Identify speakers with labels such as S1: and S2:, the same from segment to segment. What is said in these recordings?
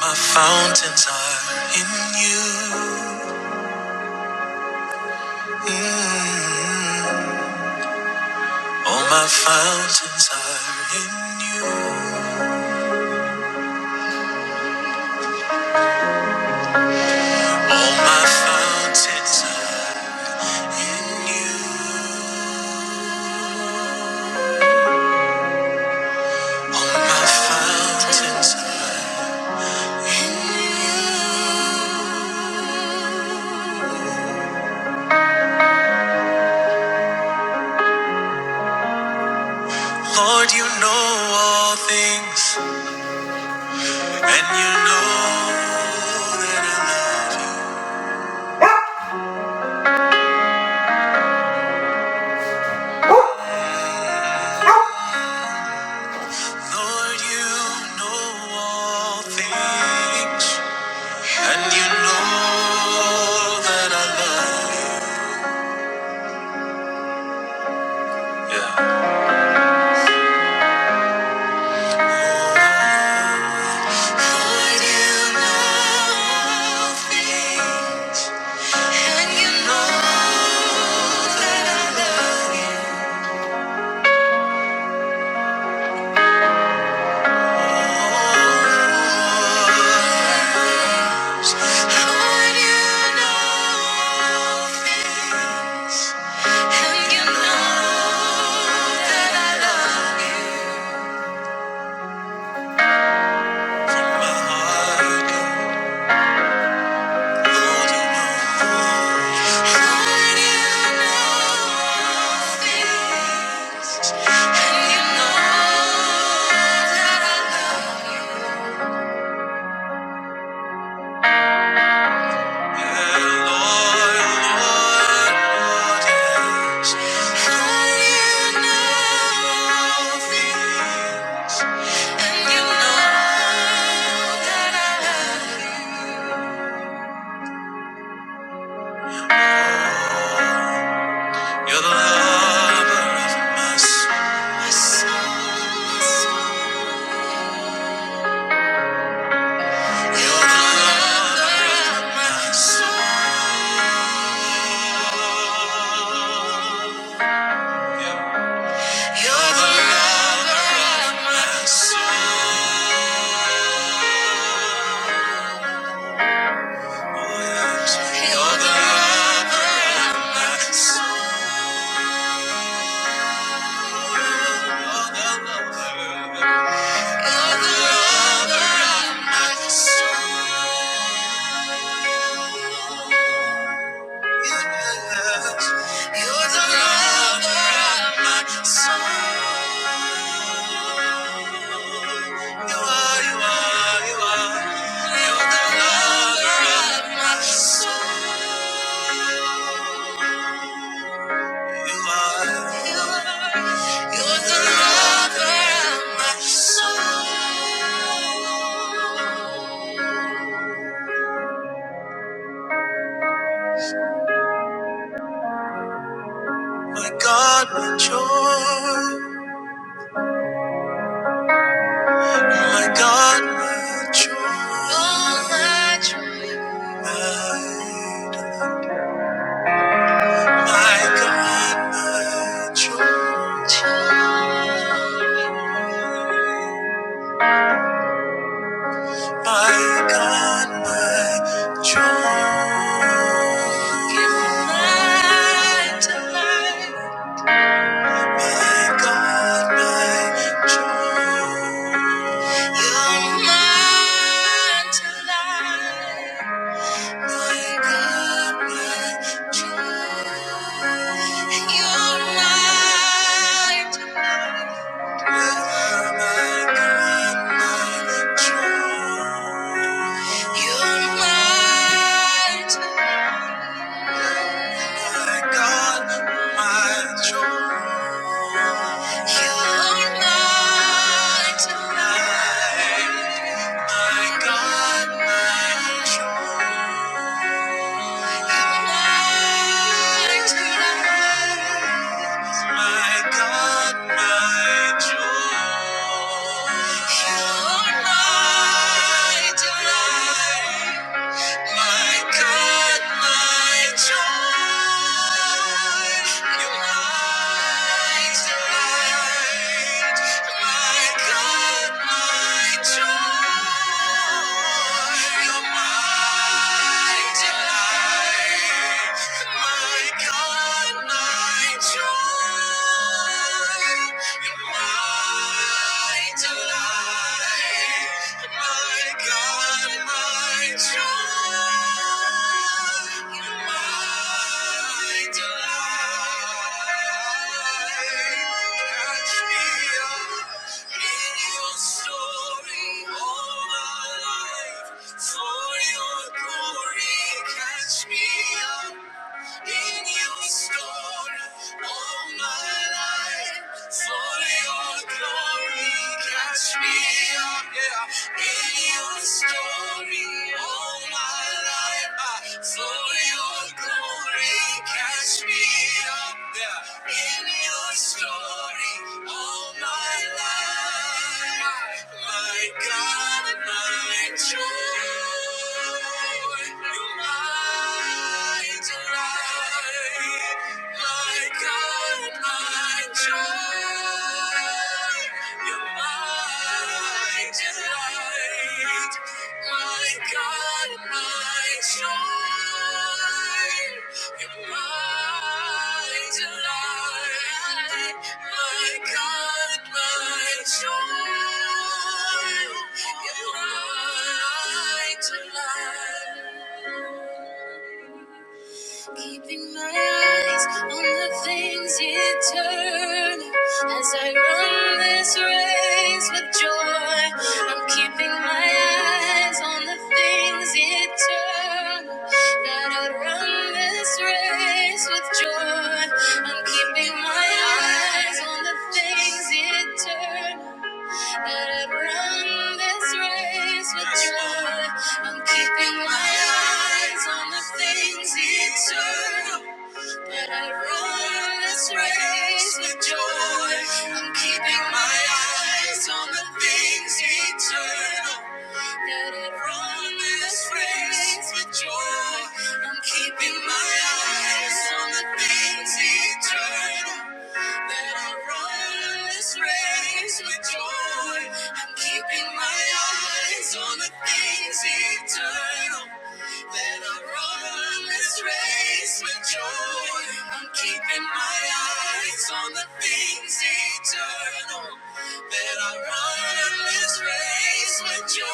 S1: My fountains are in you. Mm. All my fountains are in you. All my fountains are in you. All my fountains are in you. Lord, you know all things, and you know that I love you. Lord, you know all things, and you know that I love you. Yeah. Lord, you know all things, and you know that I love you. Oh, Lord, you know all things, and you know that I love you. And you know that I love you. You're the lover of my soul. You're the lover of my soul. You're the lover of my soul. You're the lover of my soul. You're the lover of my soul. You're the lover of my soul. You are, you are, you are. You're the lover of my soul. You are. You're the lover of my soul. My God, my joy. My God, my joy. Oh, my joy. My, my God, my joy. Joy. My God, my joy, give light to life. My God, my joy, you're mine to life. My God, my joy, you're mine to life. You're mine Tonight. My God, my joy, and light My God, my joy, you are my delight. My God, my joy, your light, the light. My God, my joy, your mighty light. My God, my joy. You're my delight. My God, my joy. You're my delight. Catch me up in your story all my life. For your glory, catch me up in your story all my life. For your glory, catch me up, yeah. In your story all my life. ah, For your glory, catch me up, yeah. In your story all all my life. My God and my joy, you're my delight. My God and my joy, you're my delight. My God and my joy. You're my delight, my God, my joy, in light to light. Keeping my eyes on the things eternal as I run this race with joy. I'm keeping my eyes on the things eternal. That I run this race with joy. I'm keeping my eyes on the things eternal. That I run this race with Yes, joy. I'm keeping my eyes on the things eternal. That I run this race with joy. I'm keeping my eyes on the things eternal. That I run this race with joy. I'm keeping my eyes on the things eternal. That I run this race with joy. I'm keeping my eyes on the things eternal. That I run this race with joy. I'm keeping my eyes on the things eternal. That I run this race with joy.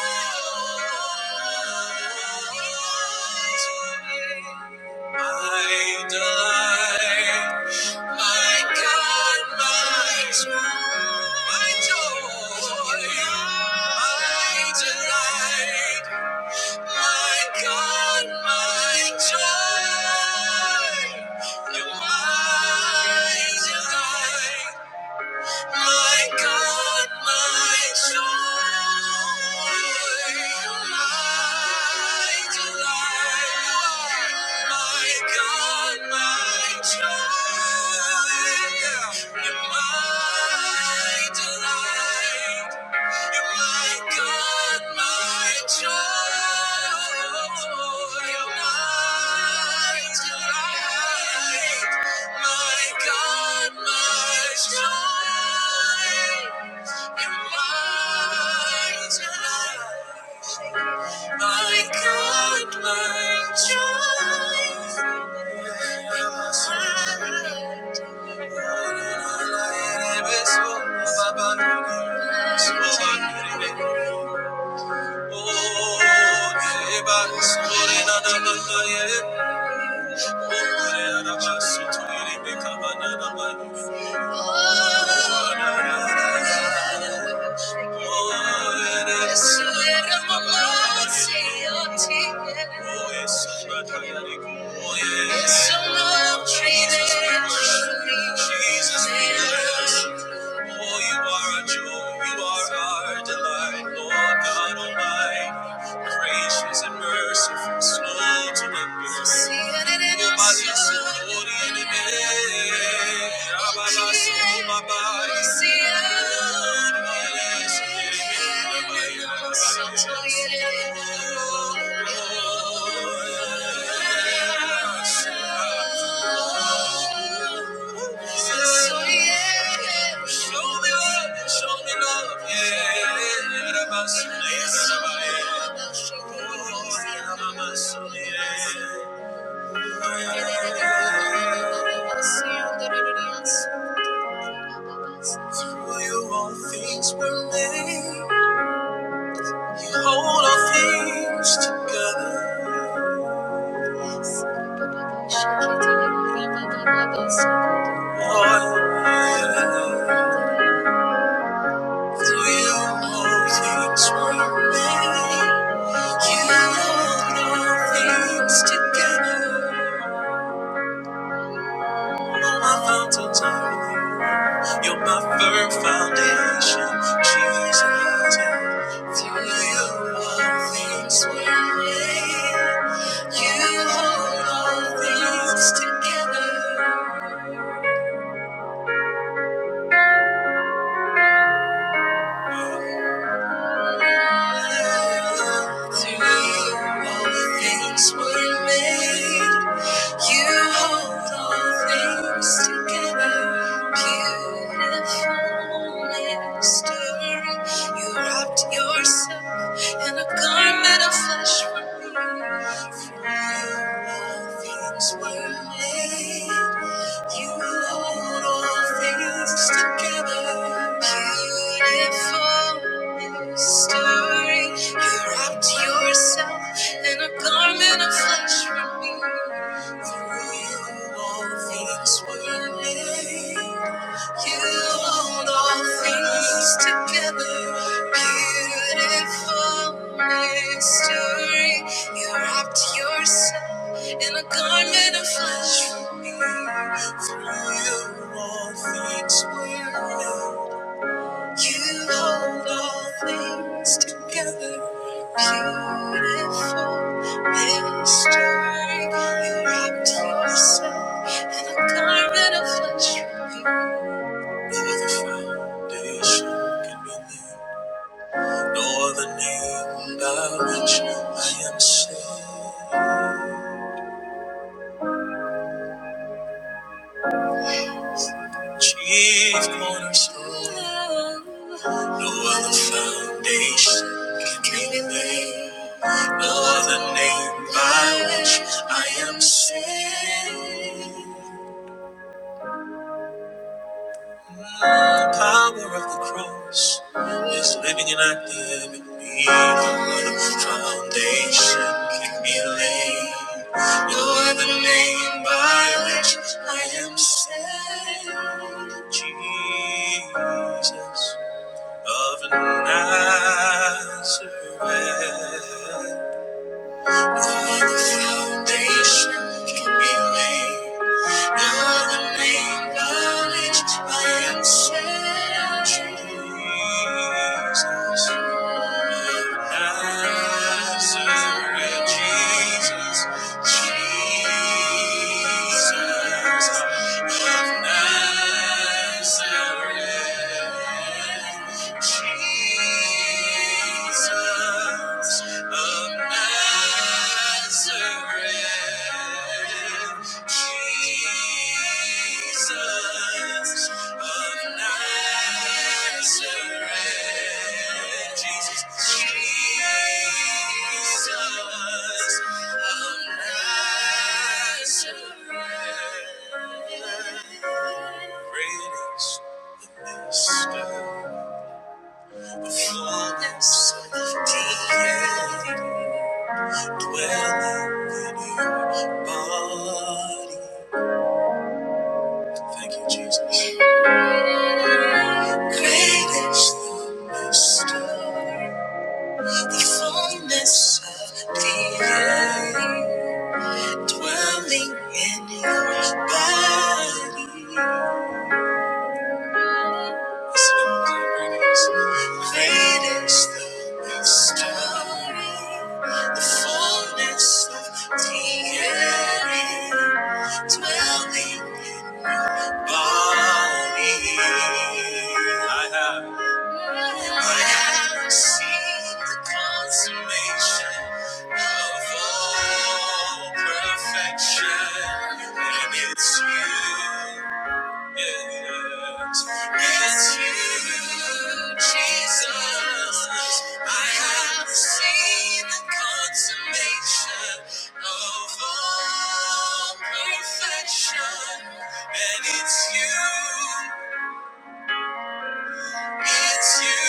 S1: My delight. My God, my joy, my joy, my delight. My God, my joy, you're my delight. My God, my joy, my delight. My God, my joy, my delight. You're my God, my joy. You're my delight. My God, my joy. You're my delight. My God, my joy. Oh, everybody's holding on to the fire. Oh, you are our joy, you are our delight, Lord God Almighty gracious and merciful, slow to anger. Oh, my dear Lord, in the name, Abba, so my body. Oh, Lord. So yeah, show me love, show me love, yeah. Era basso, era basso, oh, era basso, yeah. Through you all things were made. You hold all things together. Yes. Oh, yeah. You're my firm foundation, Jesus. Through you all things were made. You hold all things together. To you, all things were made. You hold all things together. Beautiful mystery. You wrapped yourself in a garment of flesh for me. For you, all things were made. You hold all things together. Beautiful. Stirring, you wrapped yourself in a garment of flesh for me. Through you all things were made. You hold all things together. Beautiful mystery. You wrapped yourself in a garment of flesh for me. Through you all things were made. You hold all things together, beautiful mystery. You wrapped yourself in a garment of flesh. No other foundation can be laid, no other name by which I am saved. Chief cornerstone, no other foundation can be laid, no other name by which I am saved. The power of the cross is living and active in me. No other foundation can be laid, no other name by which I am saved. Jesus. of Nazareth. No other foundation can be laid. Now the name that lifts my ancestors, Jesus. Nazareth, Jesus, Jesus of Nazareth, Jesus of Nazareth, Jesus of Nazareth, Jesus, Jesus of Nazareth. Great the mystery, the fullness of deity. dwelling in your body. Thank you, Jesus. Great is the mystery, the fullness of the earth, dwelling in your body. Listen to the greatness. Great is the mystery, the fullness of the earth, dwelling in I have. I have received the consummation of all perfection, and it's you. Yes, it's you, Jesus. I have seen the consummation of all perfection, and it's you. It's you,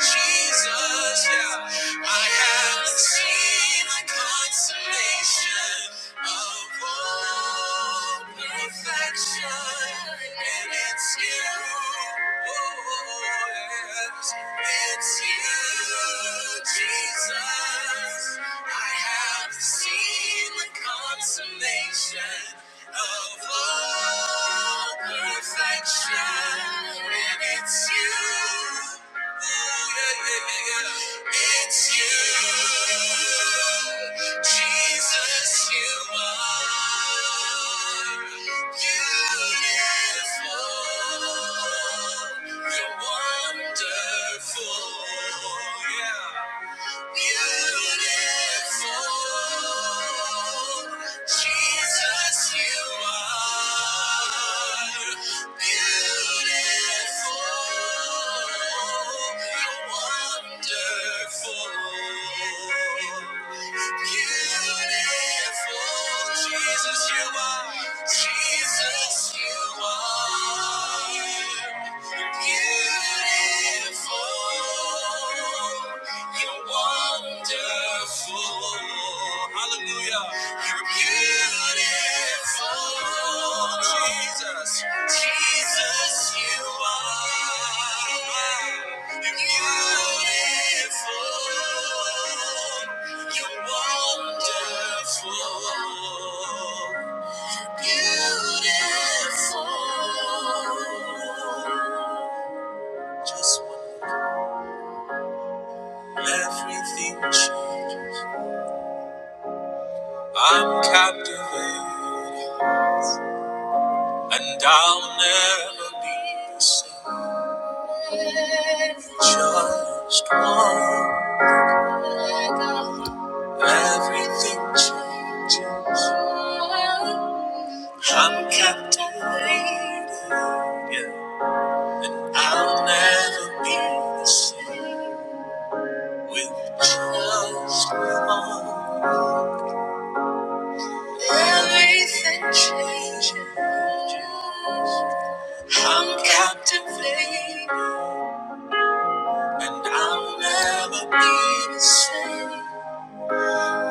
S1: Jesus. Yeah, I haven't seen the consummation of all perfection, and it's you yours. It's you, Jesus. I have seen the consummation of all perfection, and it's you. It's you, Jesus, you are beautiful. You're wonderful. Yeah. Beautiful, Jesus, you are beautiful. You're wonderful. Beautiful, Jesus, you are. Jesus, you are. Beautiful. Just one look, everything changed. I'm captivated, and I'll never be the same. Just one, look, everything changes. I'm captivated, yeah, and I'll never be the same with just one. look. Everything changes. I'm captivated, and I'll never be the same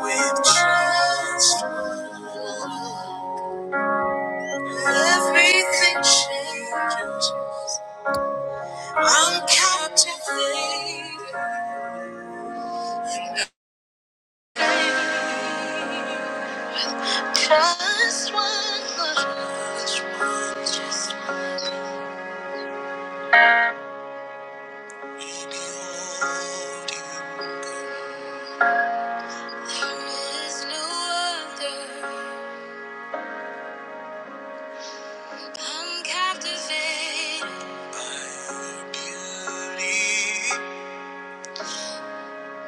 S1: with just everything changes. I'm captivated. Just one look, just one, just one. Behold you. This new wonder, I'm captivated by the beauty.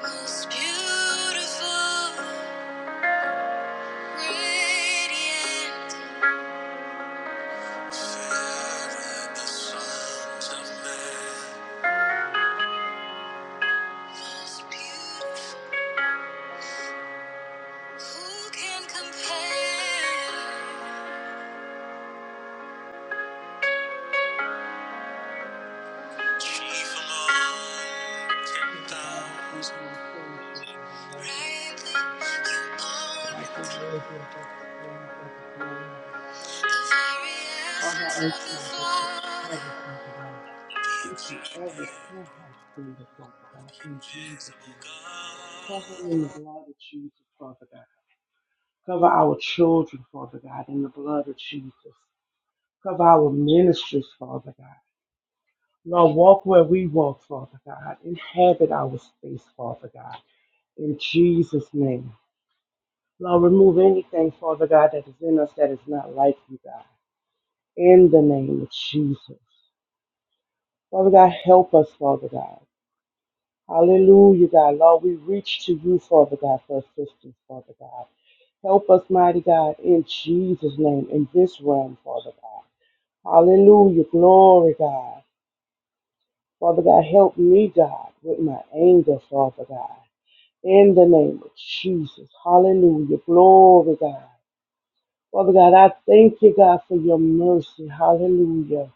S1: Most beautiful, radiant, fairer the sons of men. Most beautiful, who can compare? Chief among ten
S2: Father God, I thank
S1: thousand,
S2: you and I praise you and I magnify you.
S1: rightly you
S2: God, you're
S1: are.
S2: worthy of every praise, every glory, every honor. Father, I ask God that you cover, Father God, each and every prayer house member, Father God, in Jesus' name. Cover them in the blood of Jesus, Father God. Cover our children, Father God, in the blood of Jesus. Cover our ministries, Father God. Lord, walk where we walk, Father God. Inhabit our space, Father God. In Jesus' name. Lord, remove anything, Father God, that is in us that is not like you, God. In the name of Jesus. Father God, help us, Father God. Hallelujah, God. Lord, we reach to you, Father God, for assistance, Father God. Help us, mighty God, in Jesus' name, in this realm, Father God. Hallelujah. Glory, God. Father God, help me, God, with my anger, Father God. In the name of Jesus. Hallelujah. Glory, God. Father God, I thank you, God, for your mercy. Hallelujah.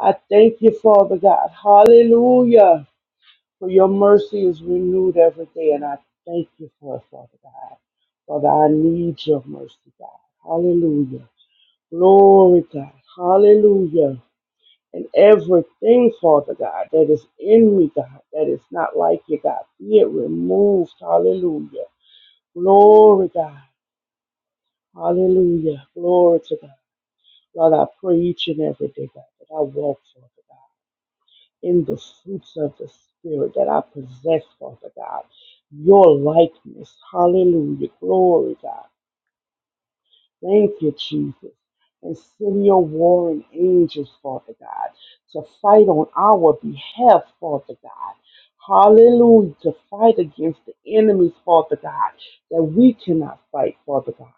S2: I thank you, Father God. Hallelujah. For your mercy is renewed every day, and I thank you for it, Father God. Father, I need your mercy, God. Hallelujah. Glory, God. Hallelujah. And everything, Father God, that is in me, God, that is not like you, God, be it removed. Hallelujah. Glory, God. Hallelujah. Glory to God. Lord, I pray each and every day, God, that I walk, Father God, in the fruits of the Spirit, that I possess, Father God, your likeness. Hallelujah. Glory, God. Thank you, Jesus. And send your warring angels, Father God, to fight on our behalf, Father God. Hallelujah. To fight against the enemies, Father God, that we cannot fight, Father God.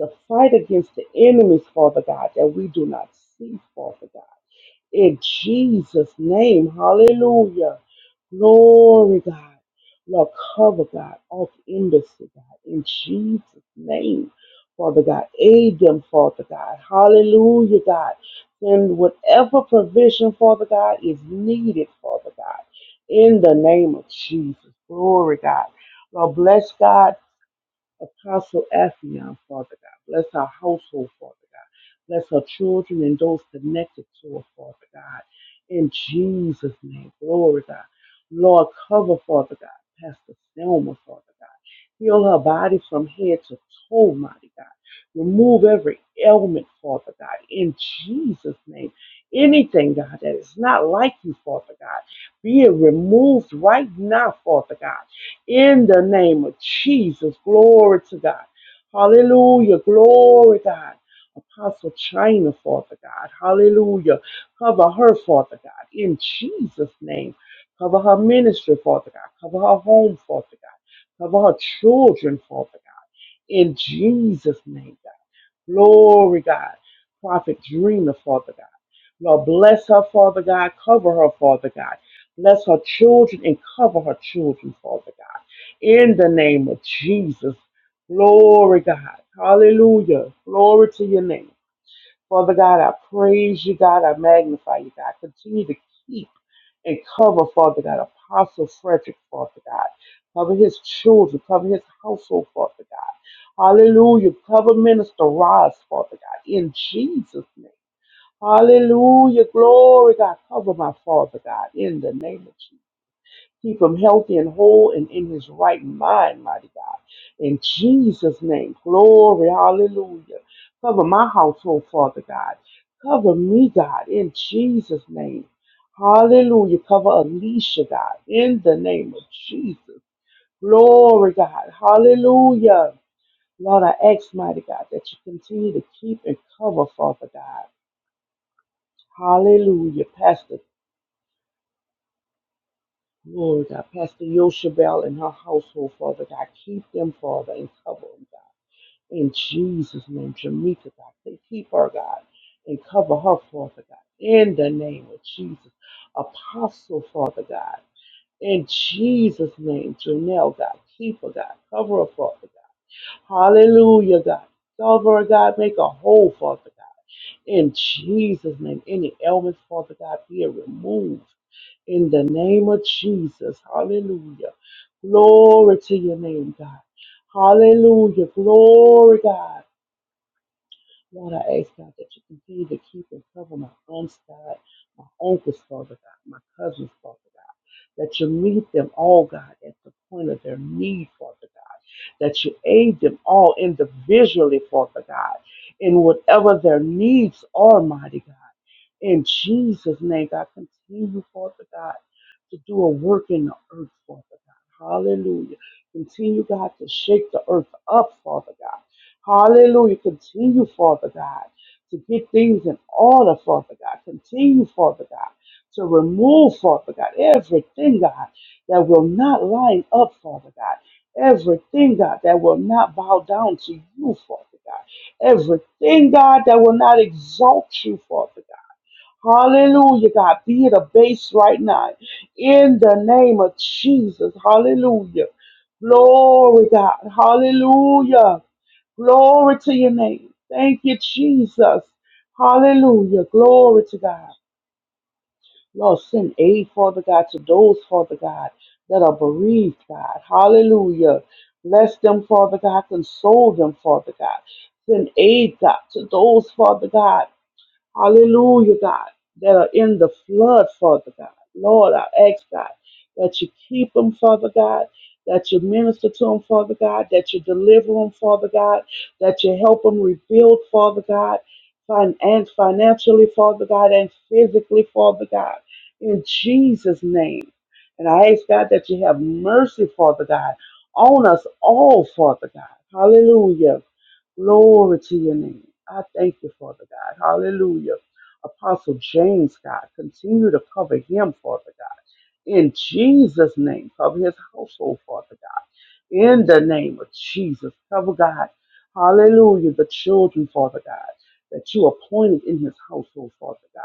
S2: To fight against the enemies, Father God, that we do not see, Father God. In Jesus' name, hallelujah. Glory, God. Lord, cover, God, off industry, God. In Jesus' name, Father God, aid them, Father God. Hallelujah, God. Send whatever provision, Father God, is needed, Father God. In the name of Jesus. Glory, God. Lord, bless God Apostle Affion, Father God. Bless our household, Father God. Bless our children and those connected to her, Father God. In Jesus' name, glory, God. Lord, cover, Father God. Pastor Selma, Father God. Heal her body from head to toe, mighty God. Remove every ailment, Father God, in Jesus' name. Anything, God, that is not like you, Father God, be it removed right now, Father God in the name of Jesus. Glory to God. Hallelujah. Glory, God. Apostle China, Father God. Hallelujah. Cover her, Father God, in Jesus' name. Cover her ministry, Father God. Cover her home, Father God. Cover her children, Father God, in Jesus' name, God. Glory, God. Prophet Dreamer, Father God. Lord, bless her, Father God. Cover her, Father God. Bless her children and cover her children, Father God. In the name of Jesus. Glory, God. Hallelujah. Glory to your name. Father God, I praise you, God. I magnify you, God. Continue to keep and cover, Father God, Apostle Frederick, Father God. Cover his children, cover his household, Father God. Hallelujah. Cover Minister Ross, Father God, in Jesus' name. Hallelujah. Glory, God. Cover my father, God, in the name of Jesus. Keep him healthy and whole and in his right mind, mighty God. In Jesus' name. Glory. Hallelujah. Cover my household, Father God. Cover me, God, in Jesus' name. Hallelujah. Cover Alicia, God, in the name of Jesus. Glory, God. Hallelujah. Lord, I ask, mighty God, that you continue to keep and cover, Father God. Hallelujah. Pastor Lord God. Pastor Yoshabel and her household, Father God. Keep them, Father, and cover them, God. In Jesus' name, Jamaica, God. Say, keep her, God, and cover her, Father God. In the name of Jesus. Apostle, Father God. In Jesus' name, Janelle, God. Keep her, God. Cover her, Father God. Hallelujah, God. Cover her, God. Make her whole, Father God. In Jesus' name, any ailments, Father God, be removed in the name of Jesus. Hallelujah. Glory to your name, God. Hallelujah. Glory, God. Lord, I ask God that you continue to keep and cover my aunts, God, my uncles, Father God, my cousins, Father God. That you meet them all, God, at the point of their need, Father God. That you aid them all individually, Father God, in whatever their needs are, mighty God. In Jesus' name, God, continue, Father God, to do a work in the earth, Father God. Hallelujah. Continue, God, to shake the earth up, Father God. Hallelujah. Continue, Father God, to get things in order, Father God. Continue, Father God, to remove, Father God, everything, God, that will not line up, Father God. Everything, God, that will not bow down to you, Father God. Everything, God, that will not exalt you, Father God. Hallelujah, God. Be it a base right now. In the name of Jesus. Hallelujah. Glory, God. Hallelujah. Glory to your name. Thank you, Jesus. Hallelujah. Glory to God. Lord, send aid, Father God, to those, Father God, that are bereaved, God. Hallelujah. Bless them, Father God. Console them, Father God. Send aid, God, to those, Father God. Hallelujah, God, that are in the flood, Father God. Lord, I ask, God, that you keep them, Father God, that you minister to them, Father God, that you deliver them, Father God, that you help them rebuild, Father God, fin- and financially, Father God, and physically, Father God, in Jesus' name. And I ask, God, that you have mercy, Father God, on us all, Father God. Hallelujah. Glory to your name. I thank you, Father God. Hallelujah. Apostle James, God, continue to cover him, Father God. In Jesus' name, cover his household, Father God in the name of Jesus. Cover God. Hallelujah. The children, Father God, that you appointed in his household, Father God.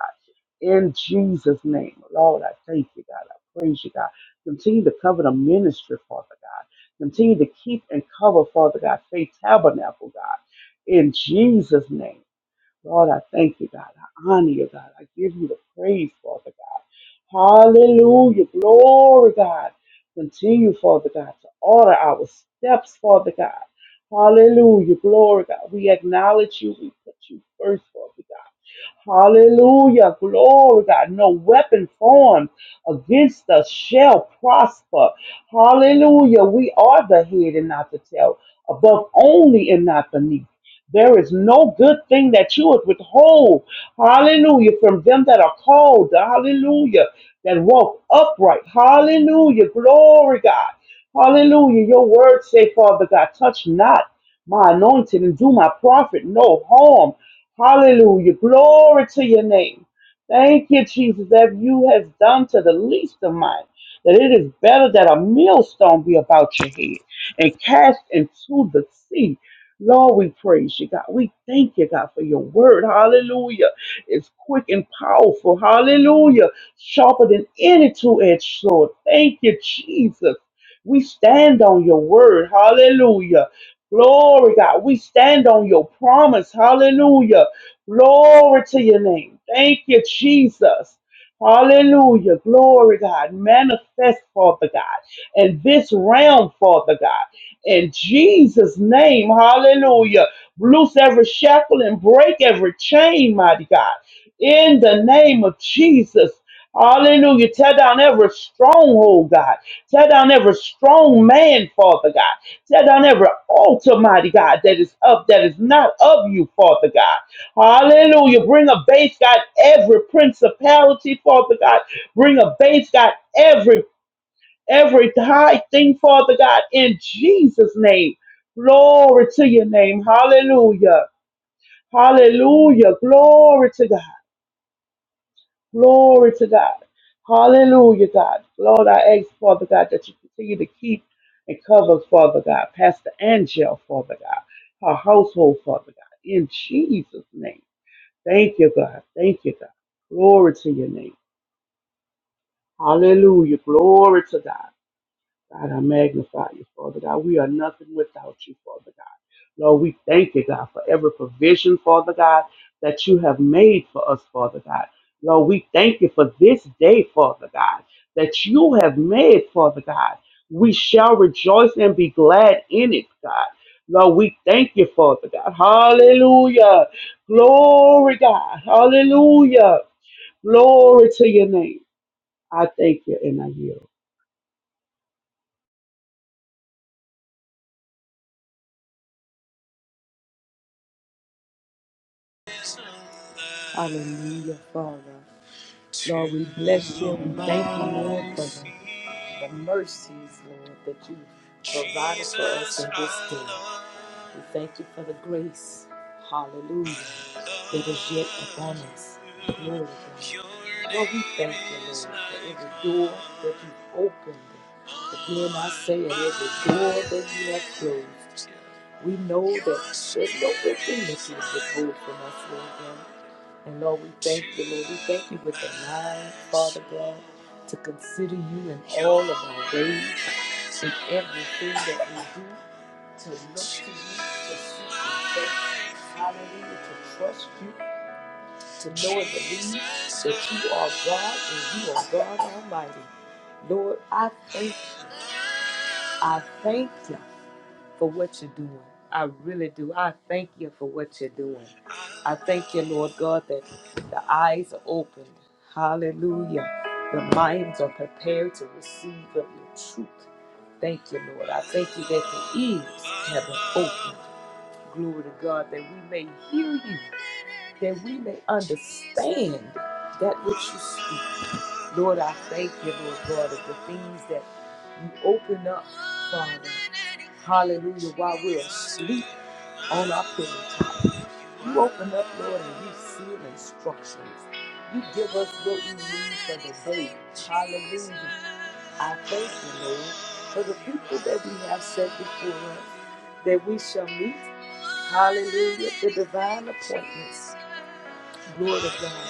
S2: In Jesus' name, Lord, I thank you, God. I praise you, God. Continue to cover the ministry, Father God. Continue to keep and cover, Father God, faith tabernacle, God. In Jesus' name, Lord, I thank you, God. I honor you, God. I give you the praise, Father God. Hallelujah. Glory, God. Continue, Father God, to order our steps, Father God. Hallelujah. Glory, God. We acknowledge you. We put you first, Father God. Hallelujah. Glory, God. No weapon formed against us shall prosper. Hallelujah. We are the head and not the tail, above only and not beneath. There is no good thing that you would withhold. Hallelujah. From them that are called. Hallelujah. That walk upright. Hallelujah. Glory, God. Hallelujah. Your word say, Father God, touch not my anointed and do my prophet no harm. Hallelujah. Glory to your name. Thank you, Jesus, that you have done to the least of mine. That it is better that a millstone be about your head and cast into the sea. Lord, we praise you, God. We thank you, God, for your word. Hallelujah. It's quick and powerful. Hallelujah. Sharper than any two edged sword. Thank you, Jesus. We stand on your word. Hallelujah. Glory, God. We stand on your promise. Hallelujah. Glory to your name. Thank you, Jesus. Hallelujah. Glory, God. Manifest, Father God, in this realm, Father God. In Jesus' name, hallelujah. Loose every shackle and break every chain, mighty God. In the name of Jesus. Hallelujah. Tear down every stronghold, God. Tear down every strong man, Father God. Tear down every altar, mighty God, that is up, that is not of you, Father God. Hallelujah. Bring a base, God, every principality, Father God. Bring a base, God, every every high thing, Father God, in Jesus' name. Glory to your name. Hallelujah. Hallelujah. Glory to God. Glory to God. Hallelujah, God. Lord, I ask, Father God, that you continue to keep and cover, Father God, Pastor Angel, Father God, her household, Father God, in Jesus' name. Thank you, God. Thank you, God. Glory to your name. Hallelujah. Glory to God. God, I magnify you, Father God. We are nothing without you, Father God. Lord, we thank you, God, for every provision, Father God, that you have made for us, Father God. Lord, we thank you for this day, Father God, that you have made, Father God. We shall rejoice and be glad in it, God. Lord, we thank you, Father God. Hallelujah. Glory, God. Hallelujah. Glory to your name. I thank you and I yield.
S1: Hallelujah, Father. Lord, we bless you. We thank you, Lord, for the, the mercies, Lord, that you provided for us in this day. We thank you for the grace, hallelujah, that is yet upon us. Glory to God. Lord, we thank you, Lord, for every door that you've opened. Again, I say, at every door that you have closed, we know that there's no good thing that you would withhold from us, Lord God. And Lord, we thank you, Lord. We thank you with the mind, Father God, to consider you in all of our ways in everything that we do, to look to you, to seek your face, hallelujah, to trust you, to know and believe that you are God and you are God Almighty. Lord, I thank I thank you for what you're doing. I really do. I thank you for what you're doing. I thank you, Lord God, that the eyes are opened. Hallelujah. The minds are prepared to receive of your truth. Thank you, Lord. I thank you that the ears have been opened. Glory to God, that we may hear you, that we may understand that which you speak. Lord, I thank you, Lord God, of the things that you open up, Father. Hallelujah, while we're asleep on our pillow You open up, Lord, and you seal instructions. You give us what we need for the day. Hallelujah. I thank you, Lord, for the people that we have set before us, that we shall meet. Hallelujah, the divine appointments. Lord of God.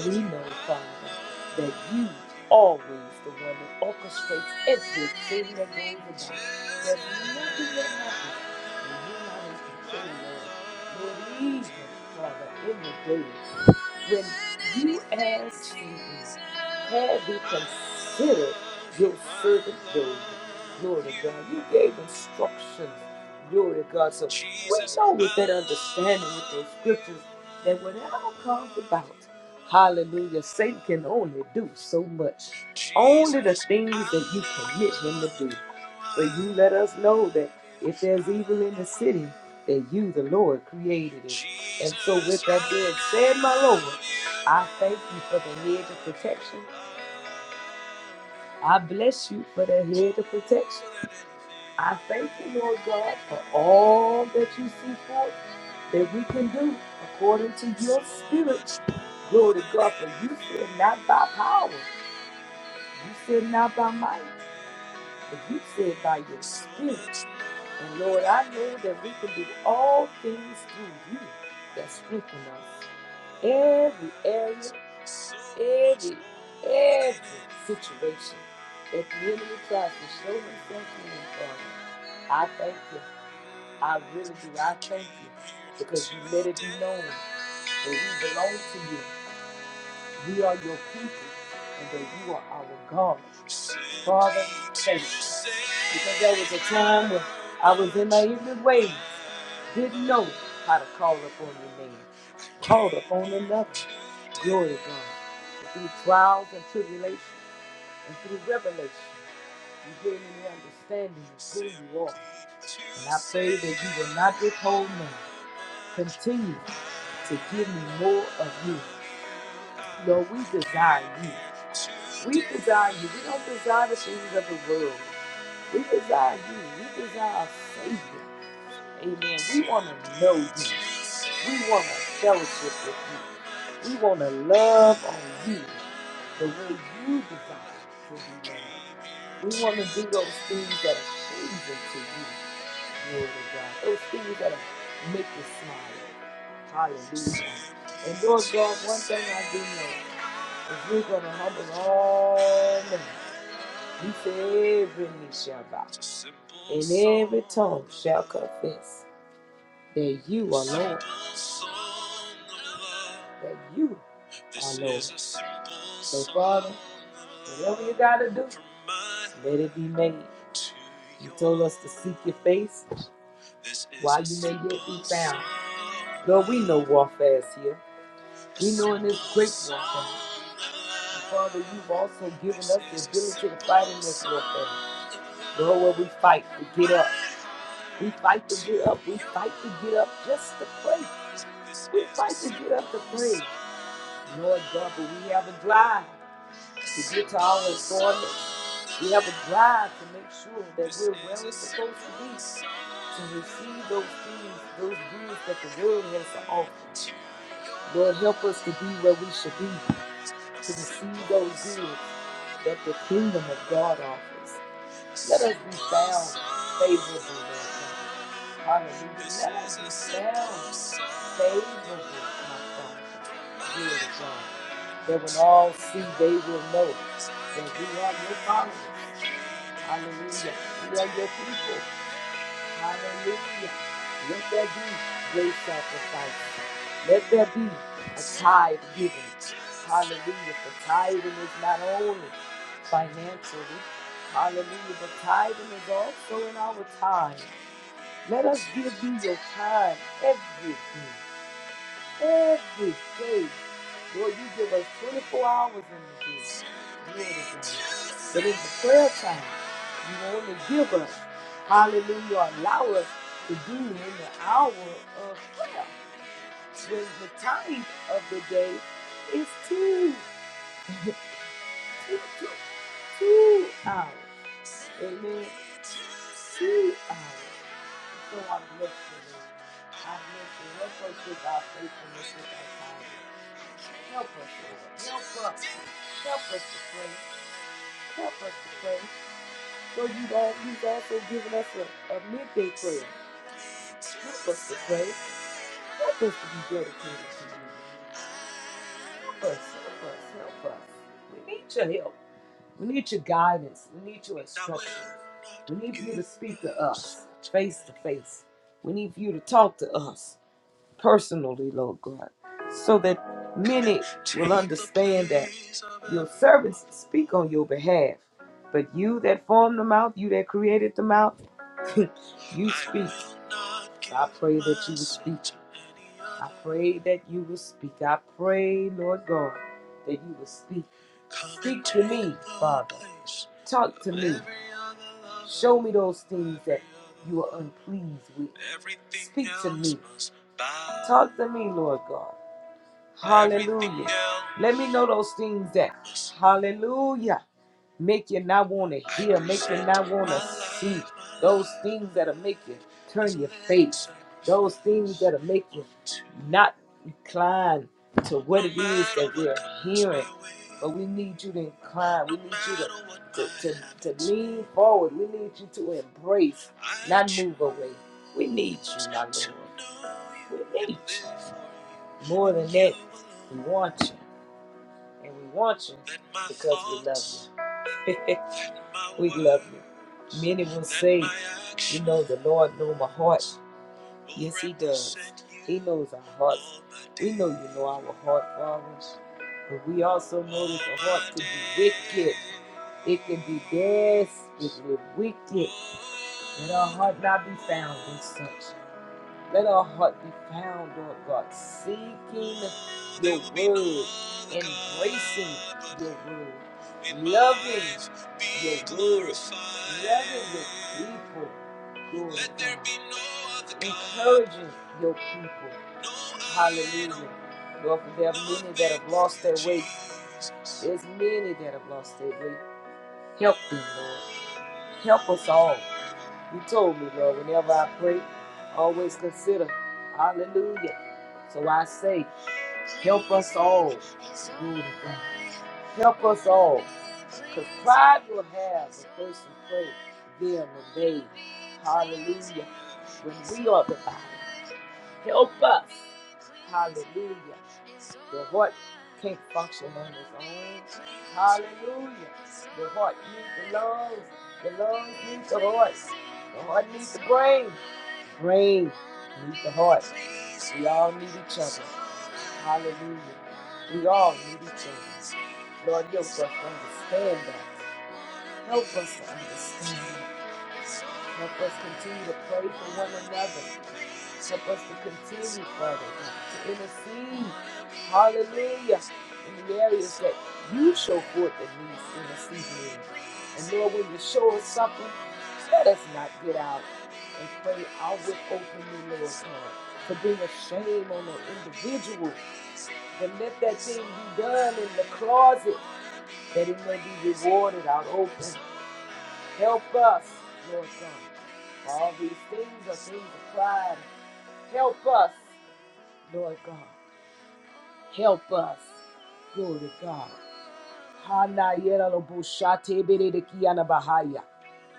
S1: For we know, Father, that you always the one that orchestrates everything that goes about. There's nothing that happens when you're not in control, Lord. Lord, lead him, Father, in the day when you ask for him. Have you considered your servant Job? Glory to God. You gave instructions. Glory to God. So we know with that understanding with those scriptures that whatever comes about, hallelujah, Satan can only do so much. Only the things that you permit him to do. But you let us know that if there's evil in the city, that you, the Lord, created it. And so, with that being said, my Lord, I thank you for the hedge of protection. I bless you for that head of protection. I thank you, Lord God, for all that you see for us that we can do according to your spirit. Glory to God, for you said not by power, you said not by might, but you said by your spirit. And Lord, I know that we can do all things through you that strengthen us. Every area every every situation that the enemy tries to show himself in, Father. I thank you. I really do. I thank you because you let it be known that we belong to you. We are your people and that you are our God. Father, thank you. Because there was a time when I was in my evil ways, didn't know how to call upon your name, called upon another. Glory to God. Through trials and tribulations. And through revelation, you gave me the understanding of who you are. And I pray that you will not withhold me. Continue to give me more of you. Lord, we desire you. We desire you. We don't desire the things of the world. We desire you. We desire our Savior. Amen. We want to know you. We want to fellowship with you. We want to love on you the way you desire to be loved. We want to do those things that are pleasing to you, Lord of God. Those things that are make you smile. Hallelujah. And Lord God, one thing I do know is you're going to humble all men. You say every knee shall bow and every tongue shall confess that you are Lord. That you are Lord. So, Father, Whatever you gotta do, let it be made. You told us to seek your face while you may yet be found. Lord, we know warfare is here. We know in this great warfare. Father, you've also given us the ability to fight in this warfare. Lord, where we fight to get up. We fight to get up. We fight to get up just to pray. We fight to get up to pray. Lord God, but we have a drive to get to our employment. We have a drive to make sure that we're where we're supposed to be, to receive those things, those gifts that the world has to offer. Lord, help us to be where we should be, to receive those goods that the kingdom of God offers. Let us be found favorable, Lord God. Hallelujah. Let us be found favorable, my Father. Glory God. That when all see, they will know that we are your followers. Hallelujah. We are your people. Hallelujah. Let there be great sacrifice. Let there be a tithe given. Hallelujah. For tithing is not only financially. Hallelujah. But tithing is also in our time. Let us give you your time every day every day. Lord, you give us 24 hours in the day. But in the prayer time, you only give us, hallelujah, allow us to do in the hour of prayer. When the time of the day is two, two, two, two hours. Amen. Two hours. So I bless you, Lord. I bless you. Help us with our faithfulness, with our time. Help us, Lord. Help us. Help us to pray. Help us to pray. Lord, you've, all, you've also given us a, a midday prayer. Help us to pray. Help us to be dedicated to you. Help us, help us, help us. We need your help. We need your guidance. We need your instruction. We need you to speak to us face to face. We need you to talk to us. personally, Lord God, so that many will understand that your servants speak on your behalf. But you that formed the mouth, you that created the mouth, you speak. So I pray that you will speak. I pray that you will speak. I pray, Lord God, that you will speak. Speak to me, Father. Talk to me. Show me those things that you are unpleased with. Speak to me. Talk to me, Lord God. Hallelujah. Let me know those things that, hallelujah make you not want to hear, make you not want to see those things that'll make you turn your face, those things that'll make you not incline to what it is that we're hearing. But we need you to incline. We need you to, to, to, to lean forward. We need you to embrace, not move away. We need you, my Lord. We need you. More than that, we want you. And we want you because we love you. we love you. Many will say, You know, the Lord knows my heart. Yes, He does. He knows our hearts. We know you know our heart, Father. But we also know that the heart can be wicked. It can be desperately wicked. Let our heart not be found in such. Let our heart be found, Lord God, seeking your word, embracing your word, loving your word, loving your people, Lord God, encouraging your people. Hallelujah. Lord, for there are many that have lost their way. There's many that have lost their way. Help them, Lord. Help us all. You told me, Lord, whenever I pray, always consider. Hallelujah. So I say, help us all. Glory to God. Help us all. Because pride will have a person pray, them and they. Hallelujah. When we are the body, help us. Hallelujah. The heart can't function on its own. Hallelujah. The heart needs the lungs. The lungs need the heart. The heart needs the brain. Brains need the heart. We all need each other. Hallelujah. We all need each other. Lord, help us to understand that. Help us to understand that. Help us continue to pray for one another. Help us to continue, Father to intercede. Hallelujah. In the areas that you show forth that needs interceding. in. And Lord, when you show us something, let us not get out and pray outward openly, Lord God, to bring a shame on the individual. But let that thing be done in the closet that it may be rewarded out open. Help us, Lord God. All these things are things of pride. Help us. Lord God, help us. Glory to God. Hana yera lo bo shate bere de kiana bahaya.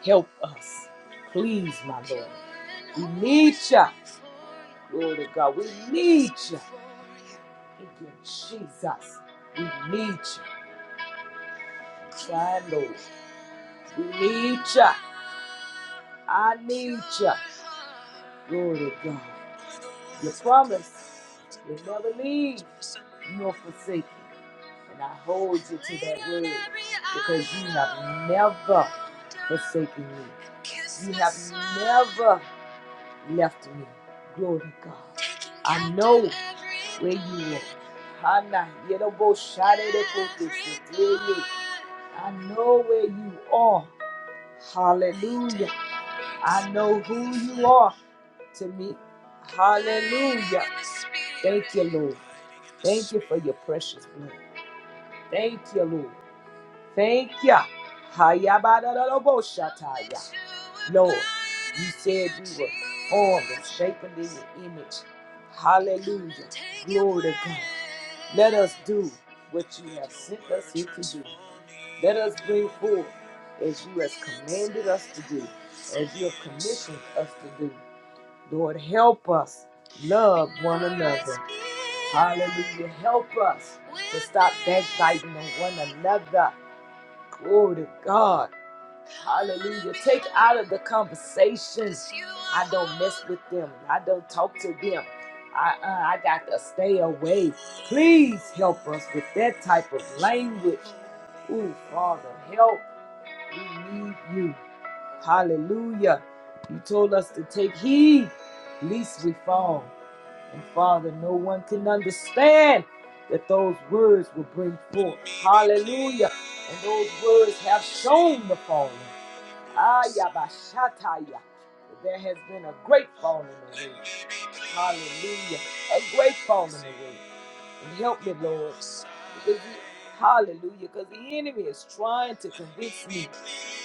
S1: Help us. Please, my Lord. We need you. Glory to God. We need you. Thank you, Jesus. We need you. My Lord. We need you. I need you. Glory to God. Your promise. You'll never leave. nor forsake. And I hold you to that word because you have never forsaken me. You have never left me. Glory to God. I know where you are. Hana, yerobo, sharere, kote, seteye. I know where you are. Hallelujah. I know who you are to me. Hallelujah. Thank you, Lord. Thank you for your precious blood. Thank you, Lord. Thank ya. Hayabadadadaboshataya. Lord, you said we were formed and shapen in your image. Hallelujah. Glory to God. Let us do what you have sent us here to do. Let us bring forth as you have commanded us to do, as you have commissioned us to do. Lord, help us love one another. Hallelujah. Help us to stop backbiting on one another. Glory to God. Hallelujah. Take out of the conversations. I don't mess with them. I don't talk to them. I, uh, I got to stay away. Please help us with that type of language. Ooh, Father, help. We need you. Hallelujah. You told us to take heed, lest we fall. And Father, no one can understand that those words will bring forth. Hallelujah. And those words have shown the falling. Ayabashataya. There has been a great falling away. Hallelujah. A great falling away. And help me, Lord. Because the, hallelujah. Because the enemy is trying to convince me.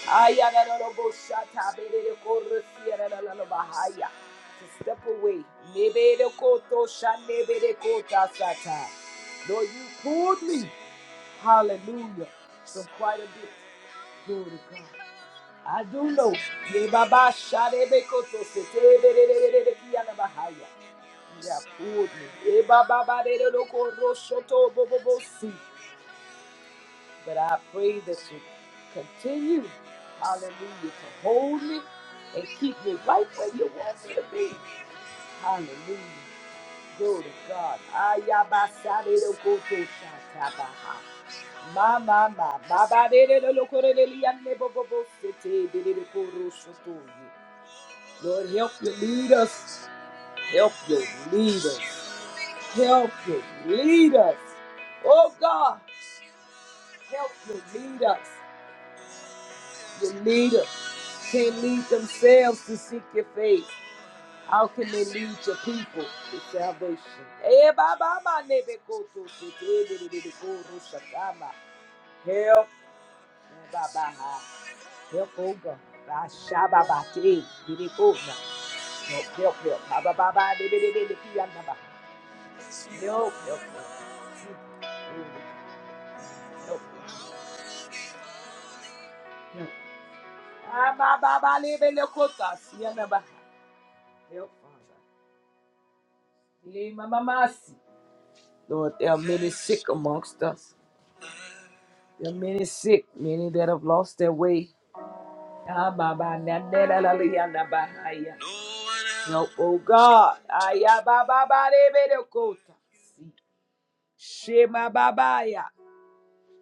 S1: Ayadadadaboshatabedekorosia, dadadadabahaya. To step away. Nebedekotoshanebedekotasata. Lord, you pulled me. Hallelujah. From quite a bit. Glory to God. I do know. Ye baba sharebe koto sete bererere kiyana bahaya. You pulled me. Ye baba barere loko roshoto bobobo si. But I pray that you continue, hallelujah, to hold me and keep me right where you want me to be. Hallelujah. Glory to God. Ayabasare loko to shatabaha. Ma ma ma, baba de de de lo corre de liane bobo bo sete de de de coro sotoye. Lord, help you lead us. Help you lead us. Help you lead us. Oh God, help you lead us. You lead us. Can't lead themselves to seek your face. How can they lead your people to salvation? Eh, ba, ba, ba, ne, be, ko, to, to, to, eh, de, de, de, de, ko, ro, sha, ka, ma. Help. Eh, ba, ba, ha. Help, oh God. Ba, sha, ba, ba, te, eh, de, de, ko, na. Help, help, help. Ba, ba, ba, ba, de, de, de, de, de, ki, ya, na, ba. Nope, nope, nope. Nope, nope, nope. Ah, ba, ba, ba, lebe le kota, Help, Father. Le mama Lord, there are many sick amongst us. There are many sick, many that have lost their way. Ah, ba, ba, na, na, la, na, ba, ha, Help, oh God. Ah, ya, ba, ba, ba, lebe le kota. Si. Shema Babaya.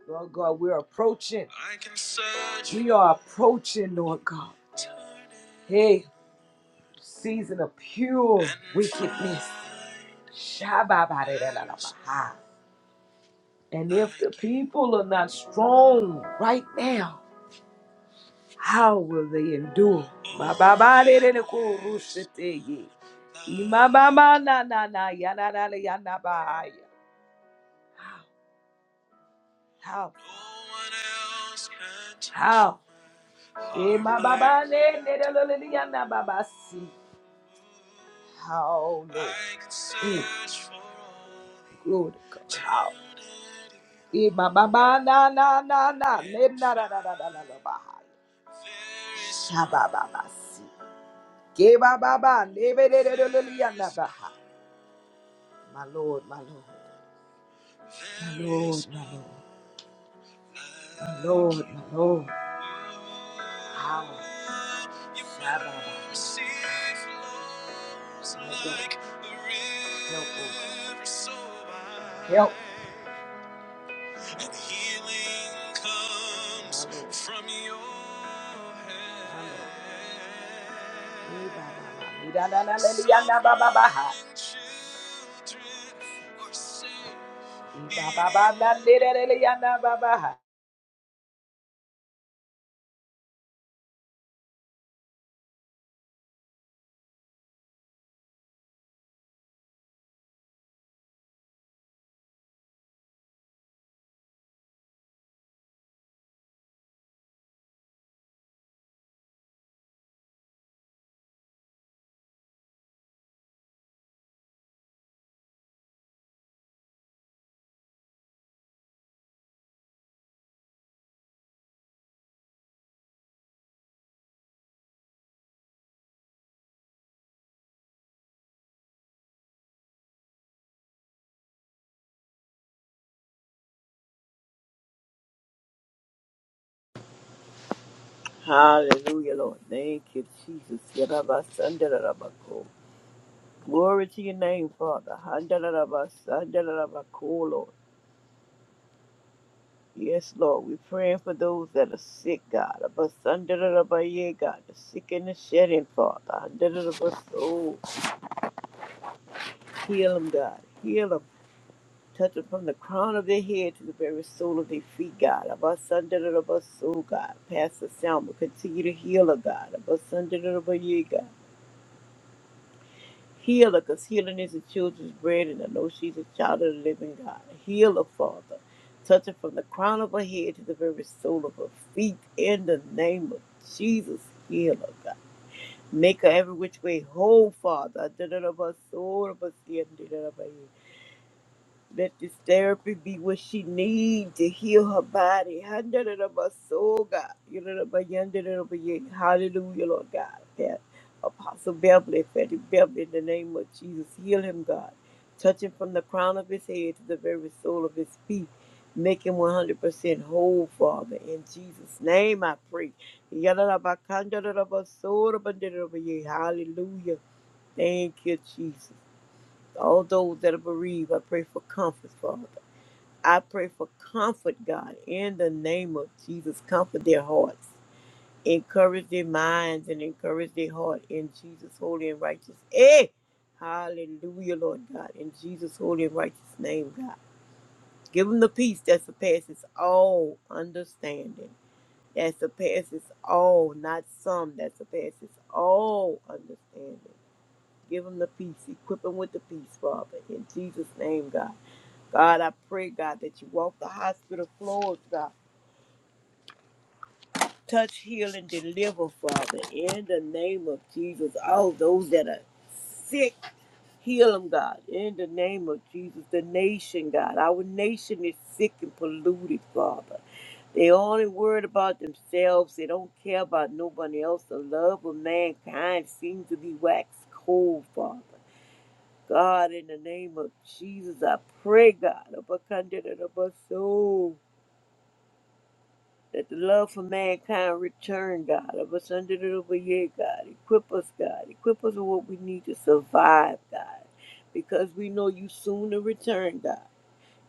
S1: Lord God, we're approaching. I can search We are approaching, Lord God. Hey, season of pure wickedness. Shabba-ba-da-da-da-da-ba-ha. And if the people are not strong right now, how will they endure? Ma-ba-ba-da-da-da-ko-ru-shi-te-ye. Ima-ba-ba-na-na-na-ya-na-na-na-ya-na-ba-ha-ya. How? How? no How? Eh, my ba ne ne da lo lo li ya na ba ba si. How Lord. Mm. Glory to God. How. Eh, my ba na na na na ne na da da da da da da ba Sha ba ba ba si. Ke ba ba ba ne be de de lo lo li ya na My Lord, my Lord, my Lord, my Lord. My Lord, my Lord. Power. Shabbat. My God. Help us. Help. My Lord. My Lord. Eh, ba, ba, ba. Ni, da, da, da, da, di, ya, na, ba, ba, ba, ha. Ni, ba, ba, ba, na, di, da, da, di, ya, na, ba, ba, ha.
S3: Hallelujah, Lord. Thank you, Jesus. Yarabasandarabako. Glory to your name, Father. Handarabasandarabako, Lord. Yes, Lord. We're praying for those that are sick, God. Abasandarabaye, God. The sick and the shedding, Father. Handarabako. Heal them, God. Heal them. Touch them from the crown of their head to the very sole of their feet, God. Abasandarabaso, God. Pastor Selma, continue to heal her, God. Abasandarabaye, God. Heal her, because healing is the children's bread, and I know she's a child of the living God. Heal her, Father. Touch her from the crown of her head to the very sole of her feet in the name of Jesus. Heal her, God. Make her every which way whole, Father. Let this therapy be what she needs to heal her body. Hallelujah, soul, God. Hallelujah, Lord God. That Apostle Beverly, Fatty Beverly, in the name of Jesus, heal him, God. Touch him from the crown of his head to the very sole of his feet. Make him 100% whole, Father. In Jesus' name I pray. Hallelujah. Thank you, Jesus all those that are bereaved, I pray for comfort, Father. I pray for comfort, God, in the name of Jesus. Comfort their hearts, encourage their minds, and encourage their heart in Jesus' holy and righteous. Hey, hallelujah, Lord God, in Jesus' holy and righteous name, God. Give them the peace that surpasses all understanding, that surpasses all, not some, that surpasses all understanding. Give them the peace, equip them with the peace, Father, in Jesus' name, God. God, I pray, God, that you walk the hospital floors, God. Touch, heal, and deliver, Father, in the name of Jesus. All those that are sick, heal them, God, in the name of Jesus. The nation, God, our nation is sick and polluted, Father. They only worried about themselves. They don't care about nobody else. The love of mankind seems to be waxed cold, Father. God, in the name of Jesus, I pray, God, of a candidate of us that the love for mankind return, God, of us under the over year, God. Equip us, God. Equip us with what we need to survive, God. Because we know you soon to return, God.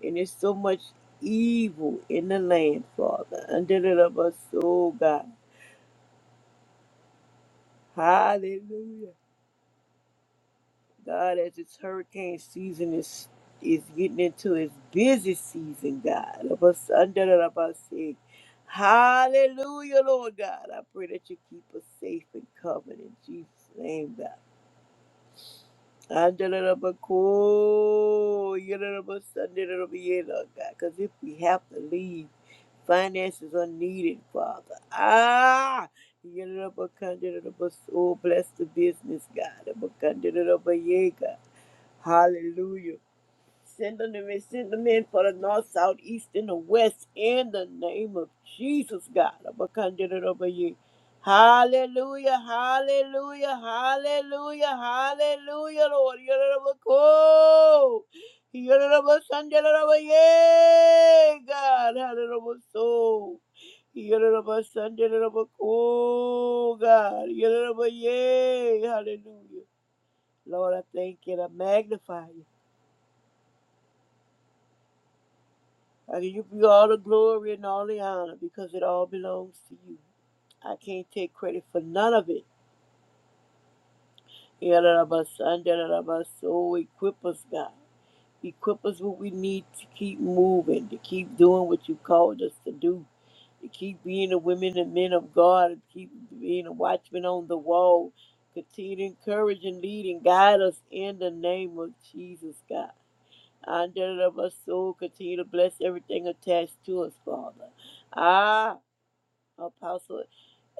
S3: And there's so much evil in the land, Father. Under the love of us, oh God. Hallelujah. God, as it's hurricane season is is getting into its busy season, God. of us under the of us saying, Hallelujah, Lord God. I pray that you keep us safe and covered in Jesus' name, God. Under the of us, cool, you know, of us, under the of us, yeah, Lord God. Because if we have to leave, finances are needed, Father. Ah! you know, of us, under the of us, Oh, bless the business, God. Of us, under the of us, yeah, God. Hallelujah. Send them in, send them in for the north, south, east, and the west in the name of Jesus, God. Abakandida over you. Hallelujah, hallelujah, hallelujah, hallelujah, Lord. Yororobako. Yororobasandaloroba, Yay, God. Hallelujah. Yororobasandalorobako, God. Yororoba, Yay. Hallelujah. Lord, I thank you. and I magnify you. I give you all the glory and all the honor because it all belongs to you. I can't take credit for none of it. Yalalabasandalabas. Oh, equip us, God. Equip us what we need to keep moving, to keep doing what you called us to do, to keep being the women and men of God, to keep being a watchman on the wall. Continue to encourage and lead and guide us in the name of Jesus, God. Andalabas. Oh, continue to bless everything attached to us, Father. Ah, Apostle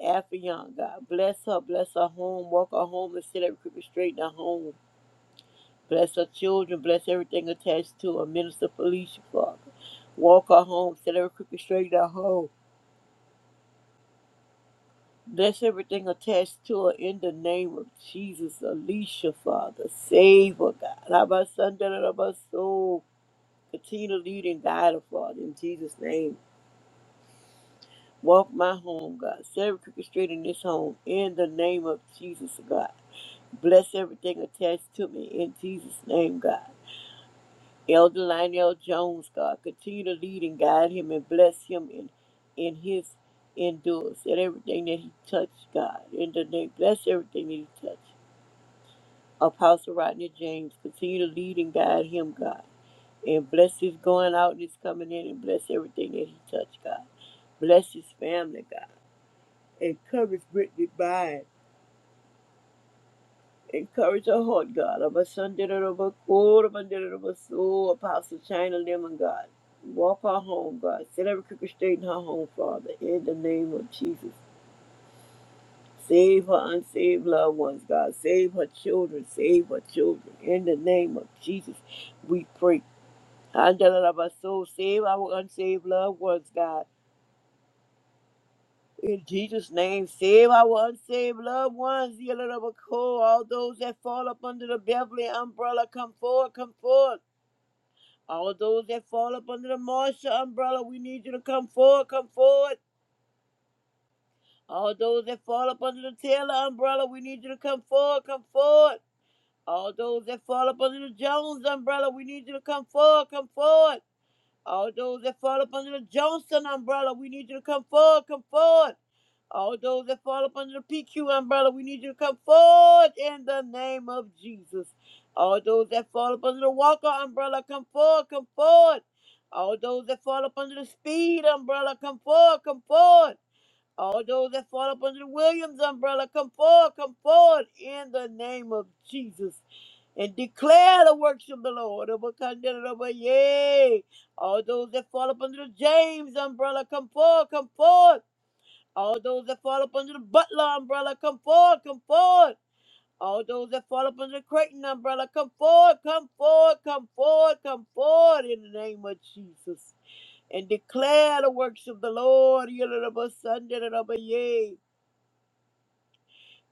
S3: Afra Young, God. Bless her, bless her home, walk her home and set every creeping straight in her home. Bless her children, bless everything attached to her. Minister Felicia, Father. Walk her home set every creeping straight in her home. Bless everything attached to her in the name of Jesus. Alicia, Father. Save her, God. Abba, son, da, da, da, ba, soul. Continue to lead and guide her, Father, in Jesus' name. Walk my home, God. Set every crooked straight in this home. In the name of Jesus, God. Bless everything attached to me in Jesus' name, God. Elder Lionel Jones, God, continue to lead and guide him and bless him in in his endurance and everything that he touched, God. In the name, bless everything that he touched. Apostle Rodney James, continue to lead and guide him, God. And bless his going out and his coming in and bless everything that he touched, God. Bless his family, God. And cover Brittany Byrne. Encourage our heart, God. Of our son did it over of our soul, Apostle China Lemon, God. Walk her home, God. Set every crooked straight in her home, Father, in the name of Jesus. Save her unsaved loved ones, God. Save her children. Save her children. In the name of Jesus, we pray. Andalabas, soul, save our unsaved loved ones, God. In Jesus' name, save our unsaved loved ones, the elect of All those that fall up under the Beverly umbrella, come forward, come forward. All those that fall up under the Marshall umbrella, we need you to come forward, come forward. All those that fall up under the Taylor umbrella, we need you to come forward, come forward. All those that fall up under the Jones umbrella, we need you to come forward, come forward. All those that fall up under the Johnson umbrella, we need you to come forward, come forward. All those that fall up under the PQ umbrella, we need you to come forward in the name of Jesus. All those that fall up under the Walker umbrella, come forward, come forward. All those that fall up under the Speed umbrella, come forward, come forward. All those that fall up under the Williams umbrella, come forward, come forward in the name of Jesus. And declare the works of the Lord. Yay. All those that fall up under the James umbrella, come forward, come forward. All those that fall up under the Butler umbrella, come forward, come forward. All those that fall up under the Creighton umbrella, come forward, come forward, come forward, come forward in the name of Jesus. And declare the works of the Lord. Yea.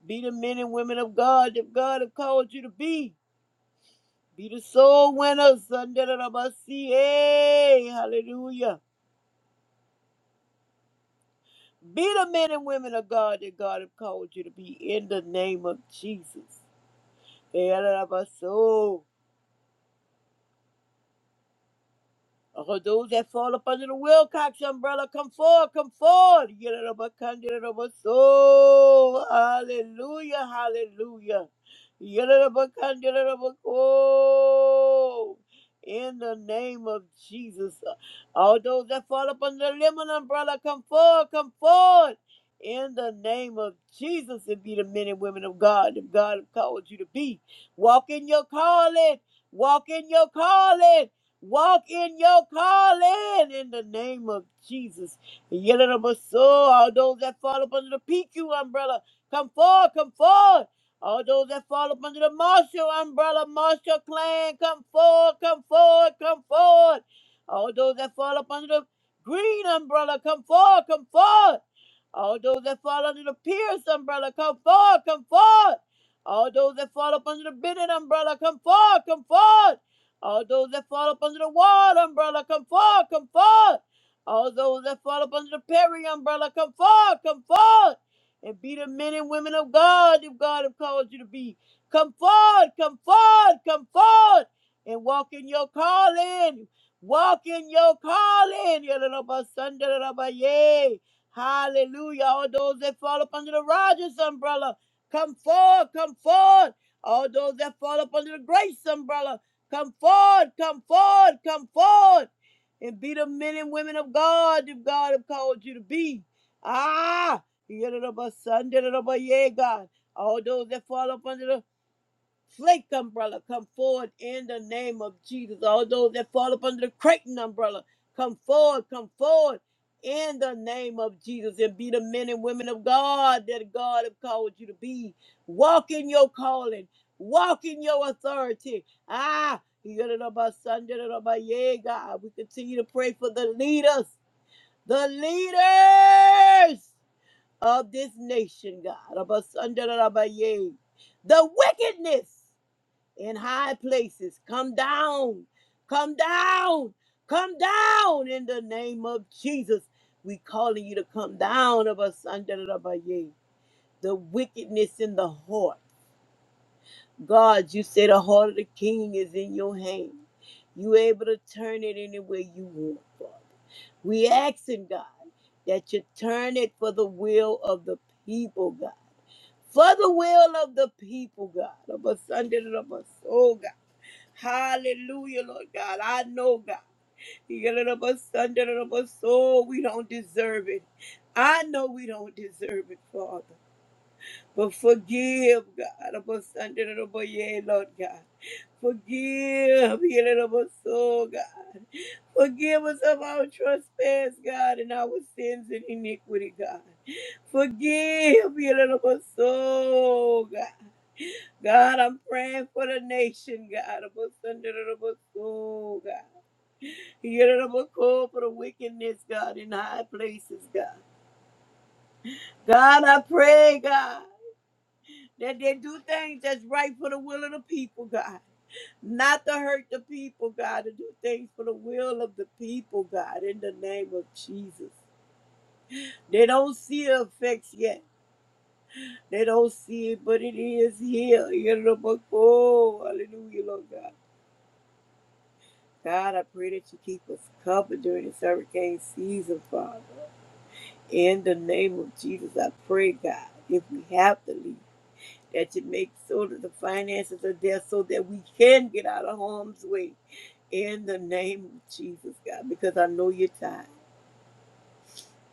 S3: Be the men and women of God that God have called you to be. Be the soul winners. Yea. Hallelujah. Be the men and women of God that God have called you to be in the name of Jesus. Yararabaso. Oh, those that fall up under the Wilcox umbrella, come forward, come forward. So, hallelujah, hallelujah. Yidda-da-ba-kun-didda-da-ba-ko. In the name of Jesus, all those that fall up under the lemon umbrella, come forward, come forward. In the name of Jesus, and be the men and women of God, if God called you to be. Walk in your calling, walk in your calling. Walk in your calling in the name of Jesus. Yellow all those that fall up under the PQ umbrella, come forward, come forward. All those that fall up under the Marshall umbrella, Marshall clan, come forward, come forward, come forward. All those that fall up under the green umbrella, come forward, come forward. All those that fall under the pierced umbrella, come forward, come forward. All those that fall up under the bended umbrella, come forward, come forward. All those that fall up under the ward umbrella, come forward, come forward. All those that fall up under the Perry umbrella, come forward, come forward. And be the men and women of God if God have called you to be. Come forward, come forward, come forward. And walk in your calling. Walk in your calling. Yalalabasandalalaba, Yay. Hallelujah. All those that fall up under the Rogers umbrella, come forward, come forward. All those that fall up under the grace umbrella, come forward, come forward, come forward. And be the men and women of God if God have called you to be. Ah, yadadaba, son, dadadaba, yeah, God. All those that fall up under the flake umbrella come forward in the name of Jesus. All those that fall up under the Creighton umbrella, come forward, come forward in the name of Jesus and be the men and women of God that God have called you to be. Walk in your calling, walk in your authority. Ah, yeah, God. We continue to pray for the leaders, the leaders of this nation, God. The wickedness in high places. Come down, come down, come down in the name of Jesus. We calling you to come down of us under the Rabbaye, the wickedness in the heart. God, you say the heart of the king is in your hand. You able to turn it any way you want, Father. We asking God that you turn it for the will of the people, God. For the will of the people, God. Of us under the Rabbaye. Oh God. Hallelujah, Lord God. I know, God. You get a little bit Sunday, a little bit soul. We don't deserve it. I know we don't deserve it, Father. But forgive, God. About Sunday, a little bit, yeah, Lord God. Forgive, you little bit soul, God. Forgive us of our trespass, God, and our sins and iniquity, God. Forgive, you little bit soul, God. God, I'm praying for the nation, God. I'm under the soul, God. You're the call for the wickedness, God, in high places, God. God, I pray, God, that they do things that's right for the will of the people, God. Not to hurt the people, God, to do things for the will of the people, God, in the name of Jesus. They don't see the effects yet. They don't see it, but it is here. You're the call. Hallelujah, Lord God. God, I pray that you keep us covered during this hurricane season, Father. In the name of Jesus, I pray, God, if we have to leave, that you make so that the finances are there so that we can get out of harm's way. In the name of Jesus, God, because I know you're tired.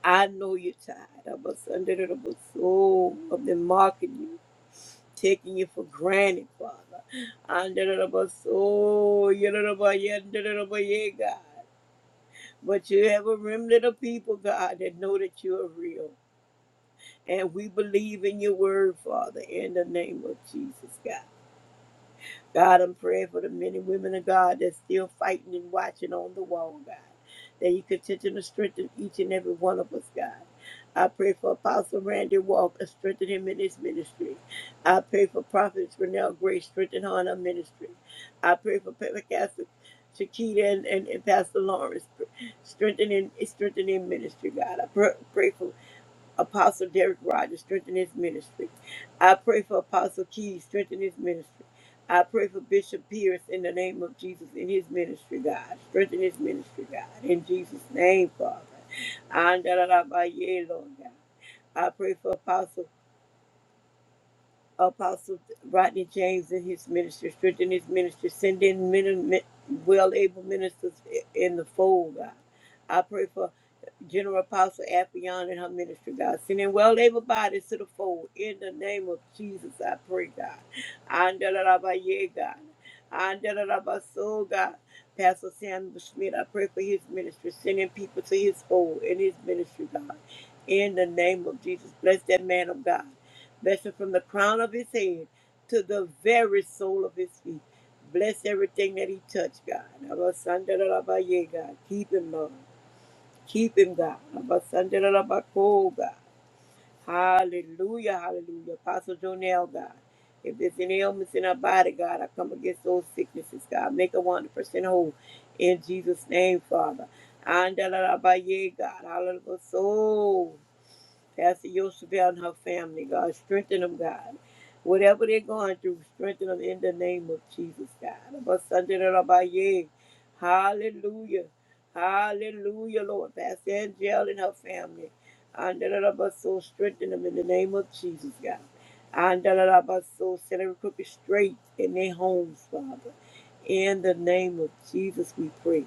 S3: I know you're tired of us under the soul of them mocking you, taking you for granted, Father. Under the soul, you're the God. But you have a remnant of people, God, that know that you are real. And we believe in your word, Father, in the name of Jesus, God. God, I'm praying for the men and women of God that's still fighting and watching on the wall, God. That you continue to strengthen each and every one of us, God. I pray for Apostle Randy Walker, strengthen him in his ministry. I pray for Prophet Renelle Grace, strengthen her in her ministry. I pray for Pastor Shakita and, and, and Pastor Lawrence, strengthen in, strengthen in ministry, God. I pray, pray for Apostle Derek Rogers, strengthen his ministry. I pray for Apostle Keys, strengthen his ministry. I pray for Bishop Pierce in the name of Jesus in his ministry, God. Strengthen his ministry, God. In Jesus' name, Father. Andalalabaye, Lord God. I pray for Apostle Apostle Rodney James in his ministry, strengthen his ministry, send in men, men, well able ministers in the fold, God. I pray for General Apostle Affion and her ministry, God. Sending well able bodies to the fold. In the name of Jesus, I pray, God. Andalabaye, God. Andalabaso, God. Pastor Samuel Schmidt, I pray for his ministry. Sending people to his fold in his ministry, God. In the name of Jesus, bless that man of God. Bless him from the crown of his head to the very sole of his feet. Bless everything that he touched, God. Abasandalabaye, God. Keep him, Lord. Keep him, God. Abasandalabako, God. Hallelujah, hallelujah. Apostle Jonell, God. If there's any ailments in our body, God, I come against those sicknesses, God. Make a 100% whole. In Jesus' name, Father. Andalabaye, God. Hallelujah. So. Pastor Yosebel and her family, God. Strengthen them, God. Whatever they're going through, strengthen them in the name of Jesus, God. Abasandarabaye. Hallelujah. Hallelujah, Lord. Pastor Angel and her family. Andarabaso, strengthen them in the name of Jesus, God. Andarabaso, set every crooked straight in their homes, Father. In the name of Jesus, we pray.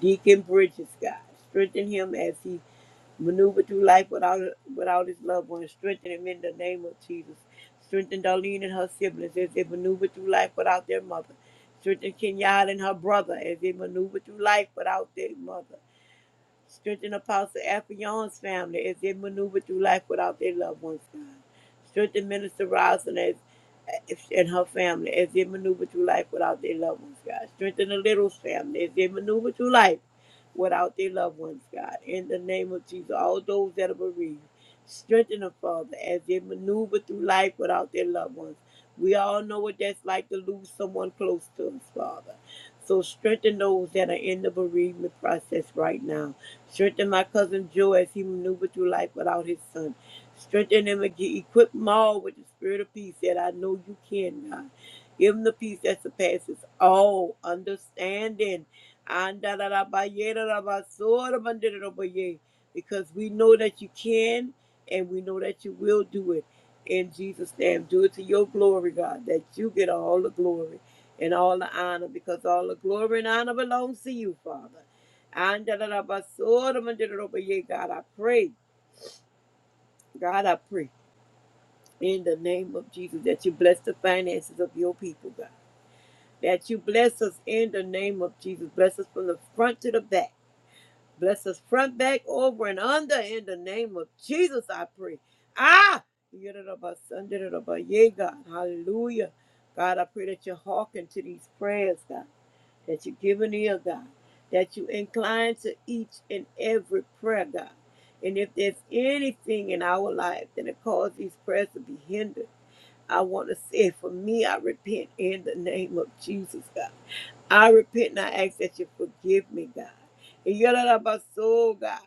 S3: Deacon Bridges, God. Strengthen him as he maneuver through life without without his loved ones. Strengthen him in the name of Jesus. Strengthen Darlene and her siblings as they maneuver through life without their mother. Strengthen Kenyatta and her brother as they maneuver through life without their mother. Strengthen Apostle Afion's family as they maneuver through life without their loved ones. God. Strengthen Minister Rosin as and her family as they maneuver through life without their loved ones, God. Strengthen the little family as they maneuver through life without their loved ones, God. In the name of Jesus, all those that are bereaved, strengthen them, Father, as they maneuver through life without their loved ones. We all know what that's like to lose someone close to us, Father. So strengthen those that are in the bereavement process right now Strengthen my cousin Joe as he maneuvered through life without his son. Strengthen him and equip them all with the spirit of peace that I know you can, God. Give him the peace that surpasses all understanding. Andalarabayerarabasorabanderabaye. Because we know that you can and we know that you will do it. In Jesus' name, do it to your glory, God, that you get all the glory and all the honor because all the glory and honor belongs to you, Father. And da- da- da- ba- so- da- ma- da- da- da- ba- yeah, God, I pray, God, I pray in the name of Jesus that you bless the finances of your people, God. That you bless us in the name of Jesus. Bless us from the front to the back. Bless us front, back, over, and under in the name of Jesus, I pray. Ah! Yeah, da- da- ba- son, da- da- da- ba- yeah, God. Hallelujah. God, I pray that you hearken to these prayers, God. that you give an ear, God, that you incline to each and every prayer, God. And if there's anything in our life that has caused these prayers to be hindered, I want to say, for me, I repent in the name of Jesus, God. I repent and I ask that you forgive me, God. And you about soul, God.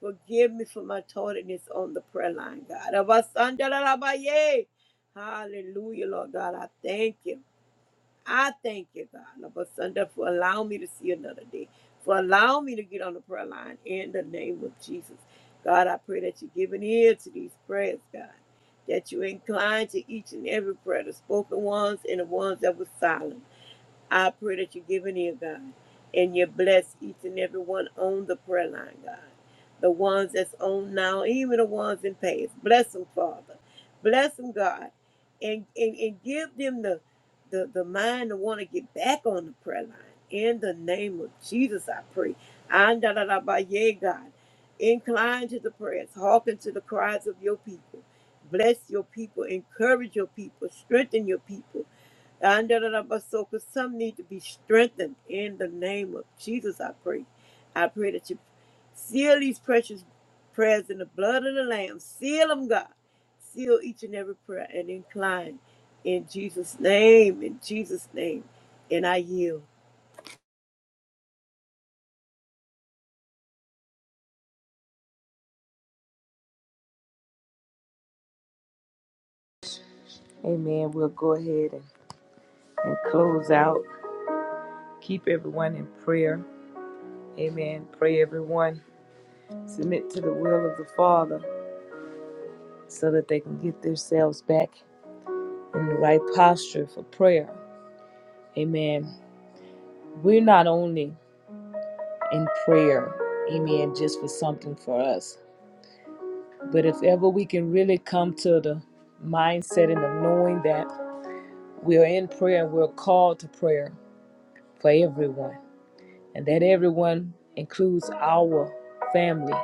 S3: Forgive me for my tardiness on the prayer line, God. Abba, son, da, da, Hallelujah, Lord God. I thank you. I thank you, God, Lord, Sunday, for allowing me to see another day, for allowing me to get on the prayer line in the name of Jesus. God, I pray that you give an ear to these prayers, God, that you incline to each and every prayer, the spoken ones and the ones that were silent. I pray that you give an ear, God, and you bless each and every one on the prayer line, God. The ones that's on now, even the ones in past. Bless them, Father. Bless them, God. And and, and give them the, the the mind to want to get back on the prayer line. In the name of Jesus, I pray. Andalalabaye, God. Incline to the prayers, hearken to the cries of your people. Bless your people, encourage your people, strengthen your people and da- da- da- but so, because some need to be strengthened in the name of Jesus, I pray. I pray that you seal these precious prayers in the blood of the Lamb. Seal them, God. Seal each and every prayer and incline in Jesus' name, in Jesus' name. And I yield.
S1: Amen. We'll go ahead and, and close out. Keep everyone in prayer. Amen. Pray everyone submit to the will of the Father so that they can get themselves back in the right posture for prayer. Amen. We're not only in prayer, amen, just for something for us, but if ever we can really come to the mindset and of knowing that we are in prayer and we're called to prayer for everyone, and that everyone includes our family,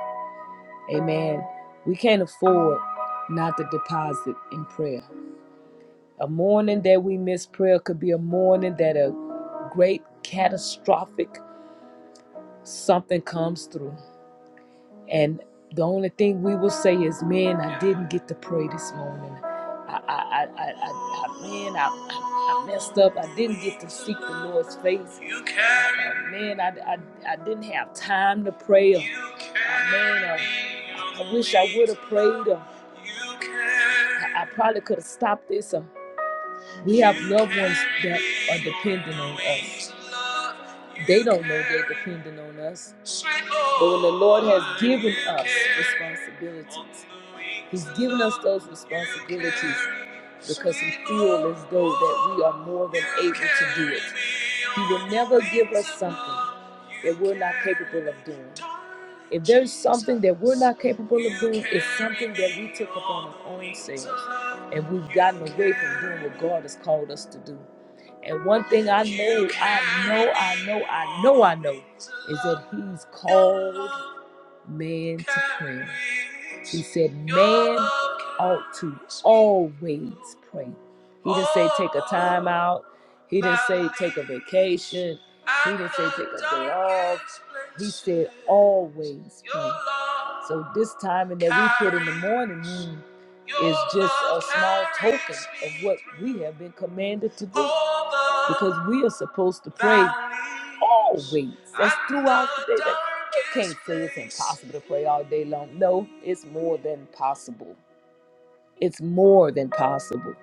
S1: Amen. We can't afford not to deposit in prayer. A morning that we miss prayer could be a morning that a great catastrophic something comes through. And the only thing we will say is, man, I didn't get to pray this morning. I, I, I, I, I man, I, I, I messed up. I didn't get to seek the Lord's face. You carry Uh, man, I, I, I didn't have time to pray. Or, uh, man, uh, I wish I would have prayed. Or, I, I probably could have stopped this. Or, we have loved ones that are dependent on us. They don't know they're dependent on us. But when the Lord has given us responsibilities, He's given us those responsibilities because he feels as though that we are more than able to do it. He will never give us something that we're not capable of doing. If there's something that we're not capable of doing, it's something that we took upon our own selves and we've gotten away from doing what God has called us to do. And one thing I know, I know, I know, I know, I know, is that He's called man to prayer. He said, man ought to always pray. He didn't say take a time out. He didn't say take a vacation. He didn't say take a day off. He said always pray. So this timing that we put in the morning is just a small token of what we have been commanded to do. Because we are supposed to pray always. That's throughout the day. That you can't say it's impossible to pray all day long. No, it's more than possible. It's more than possible.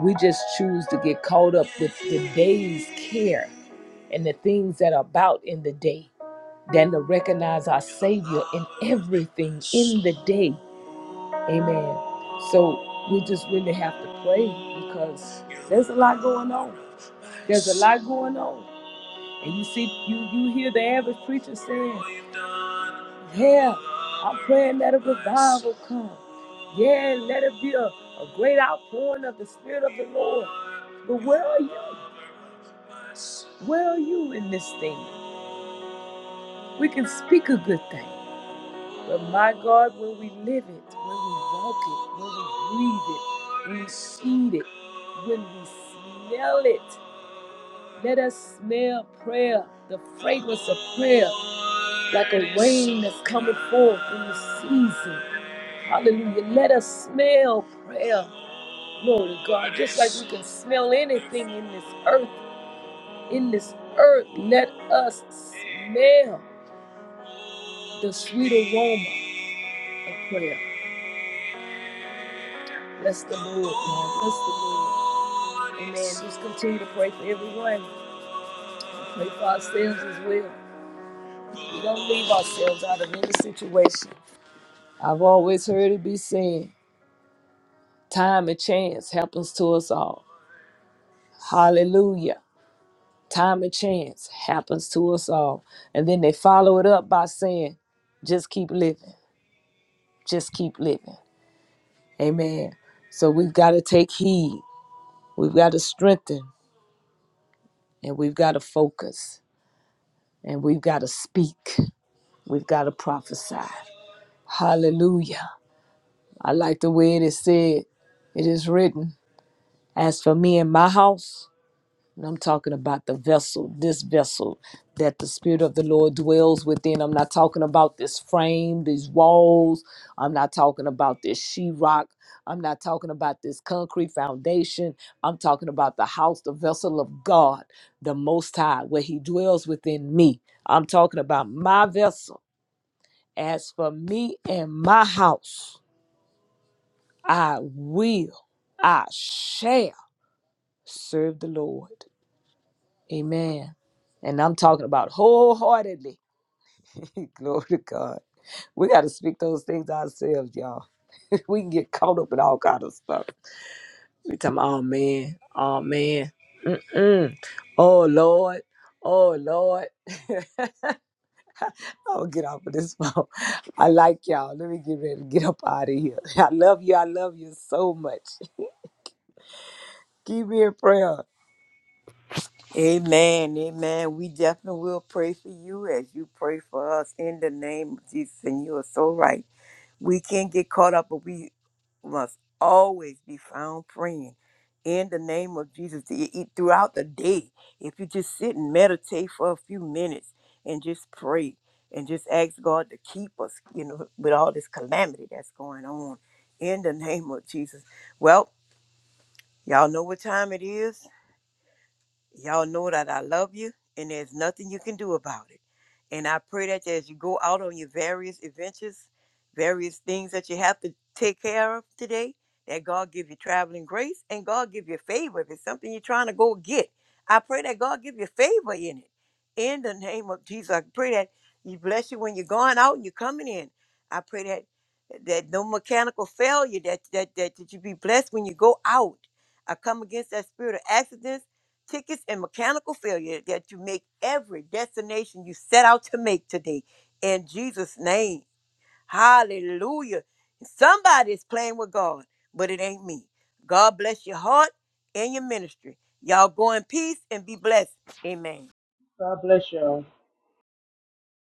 S1: We just choose to get caught up with the day's care and the things that are about in the day than to recognize our Savior in everything in the day. Amen. So we just really have to pray because there's a lot going on. There's a lot going on. And you see, you you hear the average preacher saying, Yeah, I'm praying that a revival come. Yeah, let it be a, a great outpouring of the Spirit of the Lord. But where are you? Where are you in this thing? We can speak a good thing. But my God, when we live it, when we walk it, when we breathe it, we see it, when we smell it, let us smell prayer, the fragrance of prayer, like a rain that's coming forth in the season. Hallelujah. Let us smell prayer. Glory to God. Just like we can smell anything in this earth, in this earth, let us smell the sweet aroma of prayer. Bless the Lord, God. Bless the Lord. Amen. Just continue to pray for everyone. Pray for ourselves as well. We don't leave ourselves out of any situation. I've always heard it be said, time and chance happens to us all. Hallelujah. Time and chance happens to us all. And then they follow it up by saying, just keep living. Just keep living. Amen. So we've got to take heed. We've got to strengthen and we've got to focus and we've got to speak. We've got to prophesy. Hallelujah. I like the way it is said. It is written, As for me and my house, and I'm talking about the vessel, this vessel that the Spirit of the Lord dwells within. I'm not talking about this frame, these walls. I'm not talking about this sheetrock. I'm not talking about this concrete foundation. I'm talking about the house, the vessel of God, the Most High, where He dwells within me. I'm talking about my vessel. As for me and my house, I will, I shall serve the Lord. Amen. And I'm talking about wholeheartedly. Glory to God. We got to speak those things ourselves, y'all. we can get caught up in all kind of stuff. We talking, oh man, oh man, Mm-mm. oh Lord, oh Lord. I'll get off of this phone. I like y'all. Let me get ready to get up out of here. I love you. I love you so much. Keep me in prayer.
S3: Amen. Amen. We definitely will pray for you as you pray for us in the name of Jesus. And you are so right. We can't get caught up, but we must always be found praying in the name of Jesus e- e- throughout the day. If you just sit and meditate for a few minutes and just pray and just ask God to keep us, you know, with all this calamity that's going on in the name of Jesus. Well, y'all know what time it is. Y'all know that I love you and there's nothing you can do about it. And I pray that as you go out on your various adventures, various things that you have to take care of today, that God give you traveling grace and God give you favor. If it's something you're trying to go get, I pray that God give you favor in it. In the name of Jesus, I pray that He bless you when you're going out and you're coming in. I pray that that no mechanical failure, that that that, that you be blessed when you go out. I come against that spirit of accidents tickets and mechanical failure that you make every destination you set out to make today. In Jesus' name. Hallelujah. Somebody's playing with God, but it ain't me. God bless your heart and your ministry. Y'all go in peace and be blessed. Amen.
S2: God bless you. all.